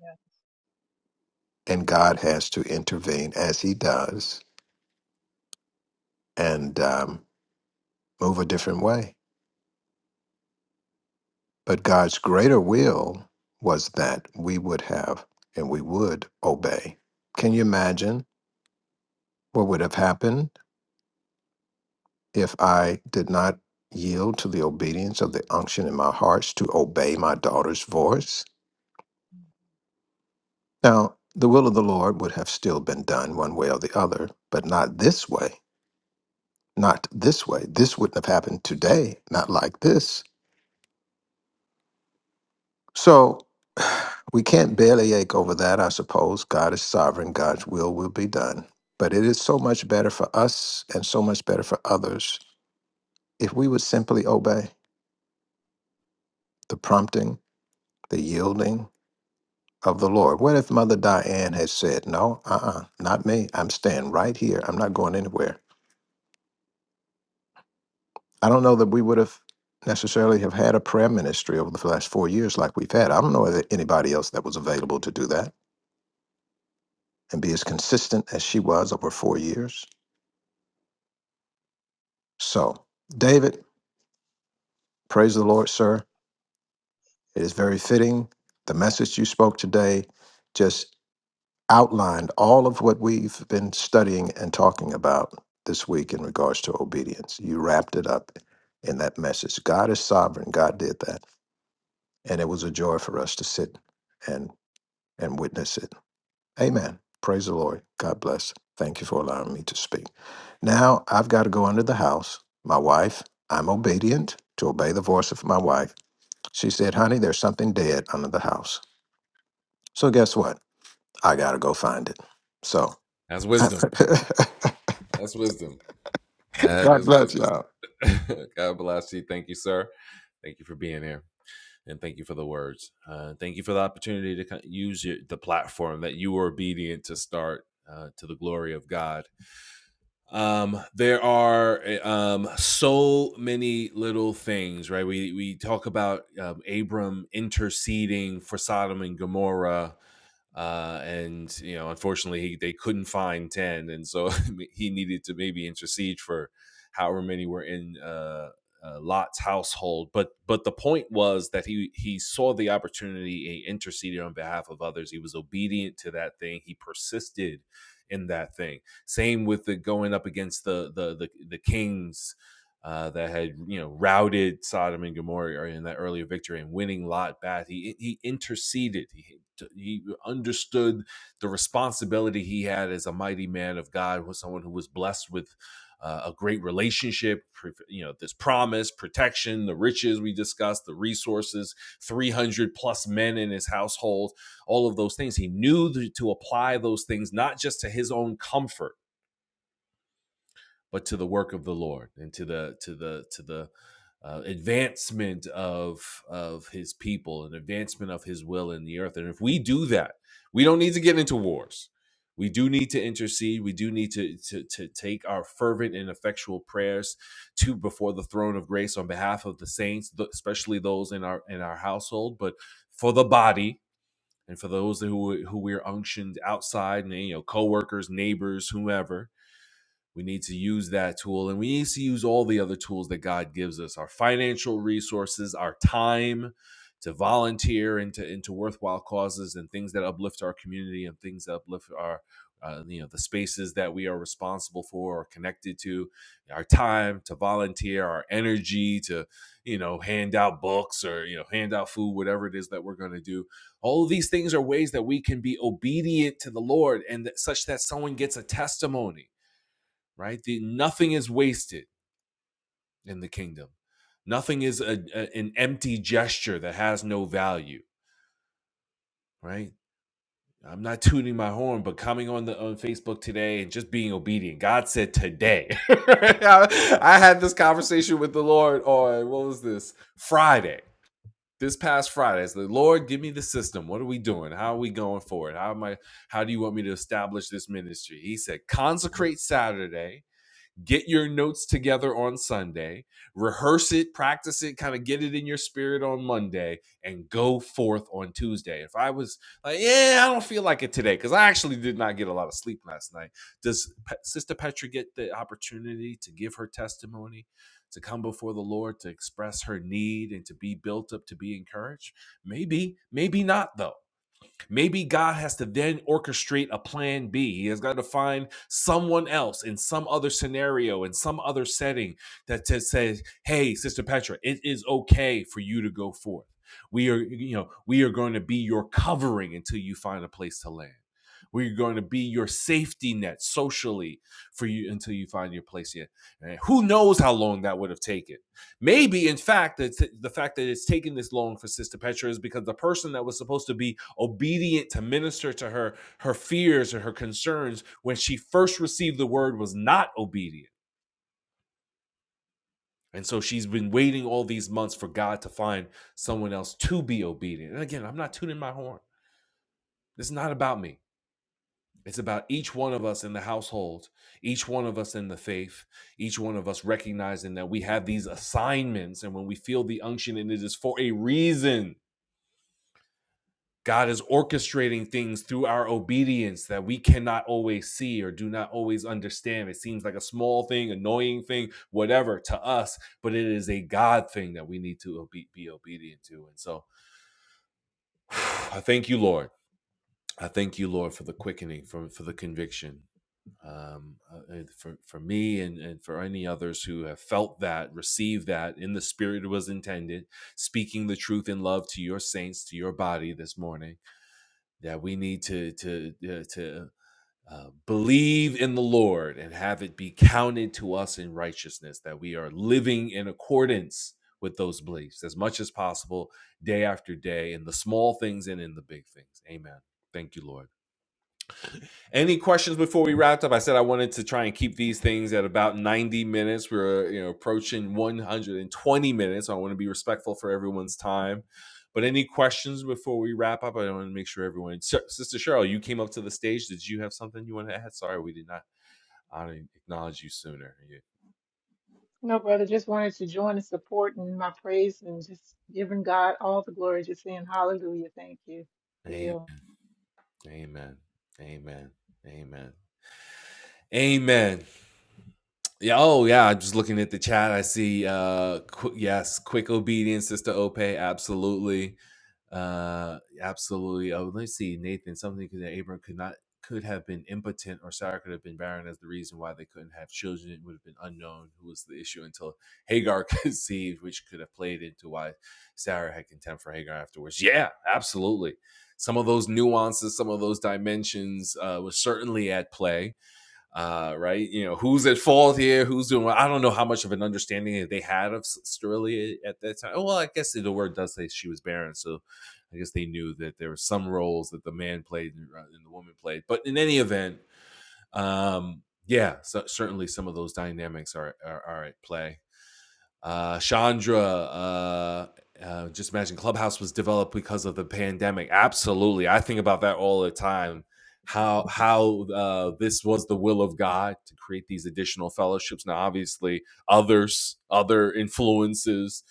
S6: yes.
S2: And God has to intervene as He does and um, move a different way But God's greater will was that we would have and we would obey. Can you imagine what would have happened if I did not yield to the obedience of the unction in my hearts to obey my daughter's voice? Now, the will of the Lord would have still been done one way or the other, but not this way. Not this way. This wouldn't have happened today, not like this. So we can't barely ache over that, I suppose. God is sovereign, God's will will be done. But it is so much better for us and so much better for others if we would simply obey the prompting, the yielding of the Lord. What if Mother Diane had said, No, uh uh not me. I'm staying right here. I'm not going anywhere. I don't know that we would have necessarily have had a prayer ministry over the last four years like we've had. I don't know of anybody else that was available to do that and be as consistent as she was over four years. So, David, praise the Lord, sir. It is very fitting. The message you spoke today just outlined all of what we've been studying and talking about this week in regards to obedience. You wrapped it up in that message. God is sovereign. God did that. And it was a joy for us to sit and and witness it. Amen. Praise the Lord. God bless. Thank you for allowing me to speak. Now I've got to go under the house. My wife, I'm obedient to obey the voice of my wife She said, Honey, there's something dead under the house. So guess what? I got to go find it. So
S1: That's wisdom. That's wisdom. That
S2: God
S1: is
S2: bless y'all.
S1: wisdom. God bless you. Thank you, sir. Thank you for being here. And thank you for the words. Uh, thank you for the opportunity to co- use your, the platform that you were obedient to start uh, to the glory of God um there are uh, um so many little things right we we talk about um, abram interceding for sodom and gomorrah uh and you know unfortunately he, they couldn't find 10 and so he needed to maybe intercede for however many were in uh, uh lot's household but but the point was that he he saw the opportunity he interceded on behalf of others he was obedient to that thing he persisted in that thing same with the going up against the the the, the kings. Uh, that had you know routed Sodom and Gomorrah in that earlier victory and winning Lot back. He he interceded. He he understood the responsibility he had as a mighty man of God, was someone who was blessed with. Uh, a great relationship, pr- you know, this promise, protection, the riches we discussed, the resources, 300 plus men in his household, all of those things. He knew th- to apply those things, not just to his own comfort, but to the work of the Lord and to the to the to the uh, advancement of of His people and advancement of His will in the earth. And if we do that, we don't need to get into wars. We do need to intercede. We do need to, to to take our fervent and effectual prayers to before the throne of grace on behalf of the saints, th- especially those in our in our household, but for the body and for those who who we're unctioned outside, and you know, coworkers, neighbors, whomever we need to use that tool and we need to use all the other tools that God gives us our financial resources, our time to volunteer into, into worthwhile causes and things that uplift our community and things that uplift our, uh, you know, the spaces that we are responsible for or connected to, our time to volunteer, our energy to, you know, hand out books or, you know, hand out food, whatever it is that we're going to do. All of these things are ways that we can be obedient to the Lord and that, such that someone gets a testimony right? The, nothing is wasted in the kingdom. Nothing is a, a- an empty gesture that has no value, right? I'm not tooting my horn, but coming on the on Facebook today and just being obedient. God said today. I, I had this conversation with the Lord on what was this Friday? This past Friday, it's the Lord, give me the system. What are we doing? How are we going forward? How am I? How do you want me to establish this ministry? He said, consecrate Saturday, get your notes together on Sunday, rehearse it, practice it, kind of get it in your spirit on Monday, and go forth on Tuesday. If I was like, yeah, I don't feel like it today because I actually did not get a lot of sleep last night. Does Pe- Sister Petra get the opportunity to give her testimony, to come before the Lord, to express her need, and to be built up, to be encouraged? Maybe, maybe not though. Maybe God has to then orchestrate a plan B. He has got to find someone else in some other scenario, in some other setting that just says, hey, Sister Petra, it is okay for you to go forth. We are, you know, we are going to be your covering until you find a place to land. We're going to be your safety net socially for you until you find your place here. And who knows how long that would have taken? Maybe, in fact, that t- the fact that it's taken this long for Sister Petra is because the person that was supposed to be obedient to minister to her, her fears or her concerns when she first received the word was not obedient. And so she's been waiting all these months for God to find someone else to be obedient. And again, I'm not tuning my horn. This is not about me. It's about each one of us in the household, each one of us in the faith, each one of us recognizing that we have these assignments. And when we feel the unction, and it is for a reason God is orchestrating things through our obedience that we cannot always see or do not always understand. It seems like a small thing, annoying thing, whatever to us, but it is a God thing that we need to obe- be obedient to. And so I thank you, Lord. I thank you, Lord, for the quickening, for, for the conviction, um, uh, uh, for, for me and, and for any others who have felt that, received that in the spirit it was intended, speaking the truth in love to your saints, to your body this morning that we need to to uh, to uh, believe in the Lord and have it be counted to us in righteousness, that we are living in accordance with those beliefs as much as possible, day after day, in the small things and in the big things. Amen. Thank you, Lord. Any questions before we wrapped up? I said I wanted to try and keep these things at about 90 minutes. We're uh, you know approaching 120 minutes. So I want to be respectful for everyone's time. But any questions before we wrap up? I want to make sure everyone. Sister Cheryl, you came up to the stage. Did you have something you want to add? Sorry, we did not honor acknowledge you sooner. You-
S7: No, brother, just wanted to join in support and my praise and just giving God all the glory, just saying hallelujah. Thank you. Yeah.
S1: Amen. Amen. Amen. Amen. Yeah. Oh, yeah. I'm just looking at the chat. I see. Uh, qu- yes, quick obedience, Sister Ope. Absolutely. Uh, absolutely. Oh, let's see, Nathan. Something that Abram could not could have been impotent, or Sarah could have been barren as the reason why they couldn't have children. It would have been unknown who was the issue until Hagar conceived, which could have played into why Sarah had contempt for Hagar afterwards. Yeah, absolutely. Some of those nuances, some of those dimensions, uh, was certainly at play uh, right? You know, who's at fault here? Who's doing what? I don't know how much of an understanding they had of S- Sterling at that time. Well, I guess the word does say she was barren, so I guess they knew that there were some roles that the man played and uh, and the woman played. But in any event, um, yeah, so certainly some of those dynamics are are, are at play uh, Chandra. Uh, uh, just imagine Clubhouse was developed because of the pandemic. Absolutely, I think about that all the time. How how uh, this was the will of God to create these additional fellowships. Now, obviously, others other influences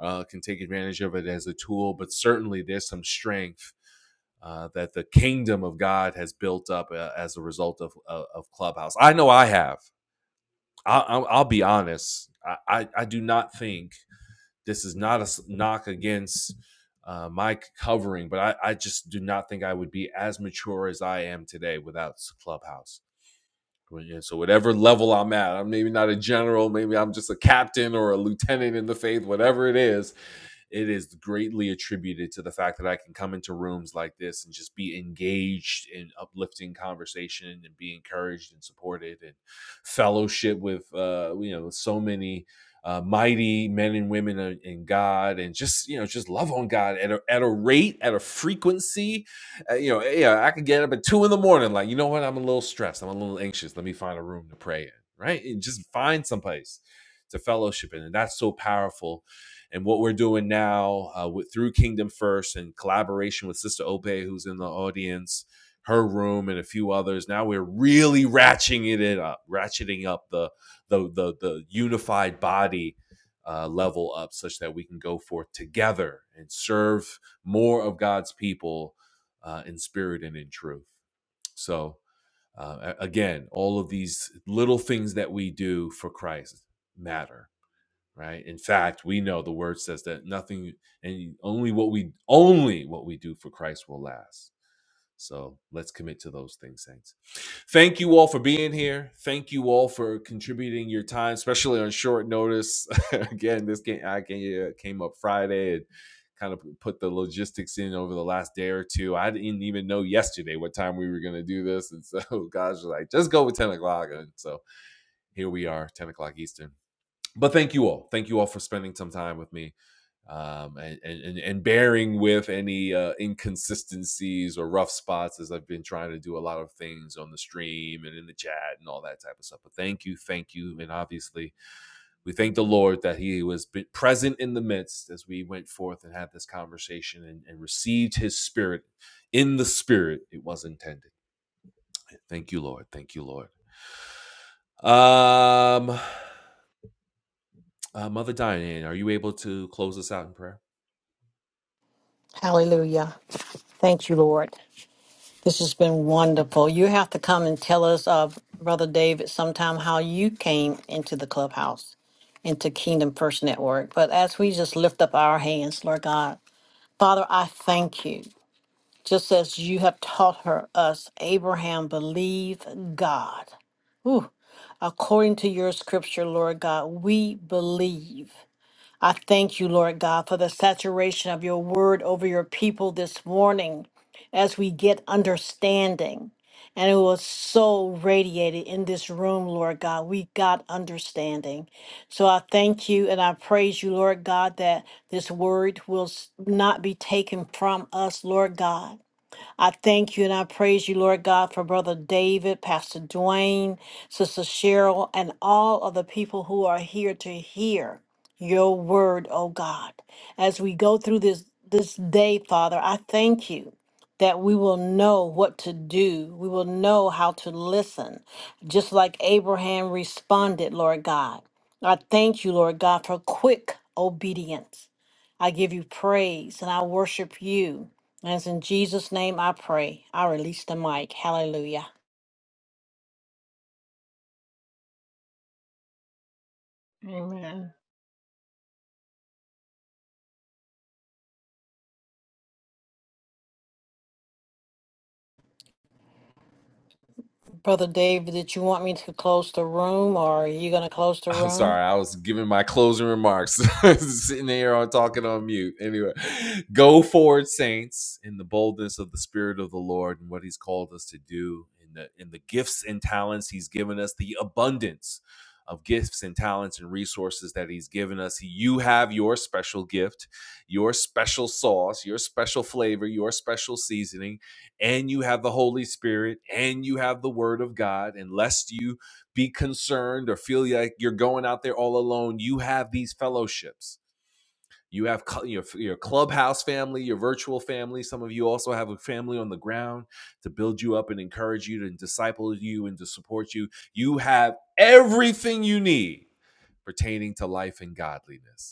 S1: uh, can take advantage of it as a tool, but certainly there's some strength uh, that the kingdom of God has built up uh, as a result of, uh, of Clubhouse. I know I have. I, I'll, I'll be honest. I, I, I do not think this is not a knock against uh, my covering, but I, I just do not think I would be as mature as I am today without Clubhouse. Well, yeah, so whatever level I'm at, I'm maybe not a general, maybe I'm just a captain or a lieutenant in the faith, whatever it is, it is greatly attributed to the fact that I can come into rooms like this and just be engaged in uplifting conversation and be encouraged and supported and fellowship with uh, you know so many uh, mighty men and women in God and just you know just love on God at a, at a rate at a frequency uh, you know, yeah, I could get up at two in the morning. Like, you know what? I'm a little stressed. I'm a little anxious. Let me find a room to pray in, right? And just find someplace to fellowship in, and that's so powerful. And what we're doing now uh, with through Kingdom First and collaboration with Sister Ope, who's in the audience, her room, and a few others. Now we're really ratcheting it up, ratcheting up the the the, the unified body. Uh, level up such that we can go forth together and serve more of God's people uh, in spirit and in truth. So, uh, again, all of these little things that we do for Christ matter, right? In fact, we know the word says that nothing and only what we only what we do for Christ will last. So let's commit to those things, Saints. Thank you all for being here. Thank you all for contributing your time, especially on short notice. Again, this game I came, up Friday and kind of put the logistics in over the last day or two. I didn't even know yesterday what time we were going to do this, and so guys was like, "Just go with ten o'clock." And so here we are, ten o'clock Eastern but thank you all. Thank you all for spending some time with me um, and, and, and bearing with any uh, inconsistencies or rough spots as I've been trying to do a lot of things on the stream and in the chat and all that type of stuff. But thank you. Thank you. And obviously, we thank the Lord that He was present in the midst as we went forth and had this conversation and, and received His Spirit in the Spirit it was intended. Thank you, Lord. Thank you, Lord. Um, uh, Mother Diane, are you able to close us out in prayer?
S5: Hallelujah. Thank you, Lord. This has been wonderful. You have to come and tell us, uh, Brother David, sometime how you came into the clubhouse, into Kingdom First Network. But as we just lift up our hands, Lord God, Father, I thank you. Just as you have taught her us, Abraham believed God. Ooh, according to your scripture, Lord God, we believe. I thank you, Lord God, for the saturation of your word over your people this morning as we get understanding. And it was so radiated in this room, Lord God. We got understanding. So I thank you and I praise you, Lord God, that this word will s- not be taken from us, Lord God. I thank you and I praise you, Lord God, for Brother David, Pastor Dwayne, Sister Cheryl, and all of the people who are here to hear your word, oh God. As we go through this this day, Father, I thank you that we will know what to do. We will know how to listen, just like Abraham responded, Lord God. I thank you, Lord God, for quick obedience. I give you praise and I worship you. As in Jesus' name I pray. I release the mic. Hallelujah.
S7: Amen.
S5: Brother Dave, did you want me to close the room or are you going to close the
S1: I'm
S5: room?
S1: sorry, I was giving my closing remarks, sitting here on talking on mute. Anyway, go forward, saints, in the boldness of the Spirit of the Lord and what He's called us to do, in the in the gifts and talents He's given us, the abundance of gifts and talents and resources that He's given us. You have your special gift, your special sauce, your special flavor, your special seasoning, and you have the Holy Spirit, and you have the Word of God. and lest you be concerned or feel like you're going out there all alone, you have these fellowships. You have your, your clubhouse family, your virtual family. Some of you also have a family on the ground to build you up and encourage you and disciple you and to support you. You have everything you need pertaining to life and godliness.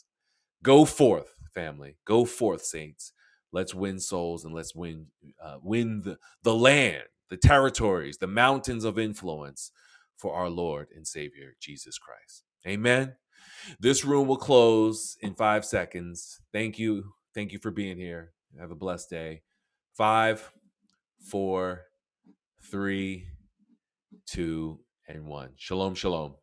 S1: Go forth, family. Go forth, saints. Let's win souls and let's win uh, win the, the land, the territories, the mountains of influence for our Lord and Savior Jesus Christ. Amen. This room will close in five seconds. Thank you. Thank you for being here. Have a blessed day. Five, four, three, two, and one. Shalom, shalom.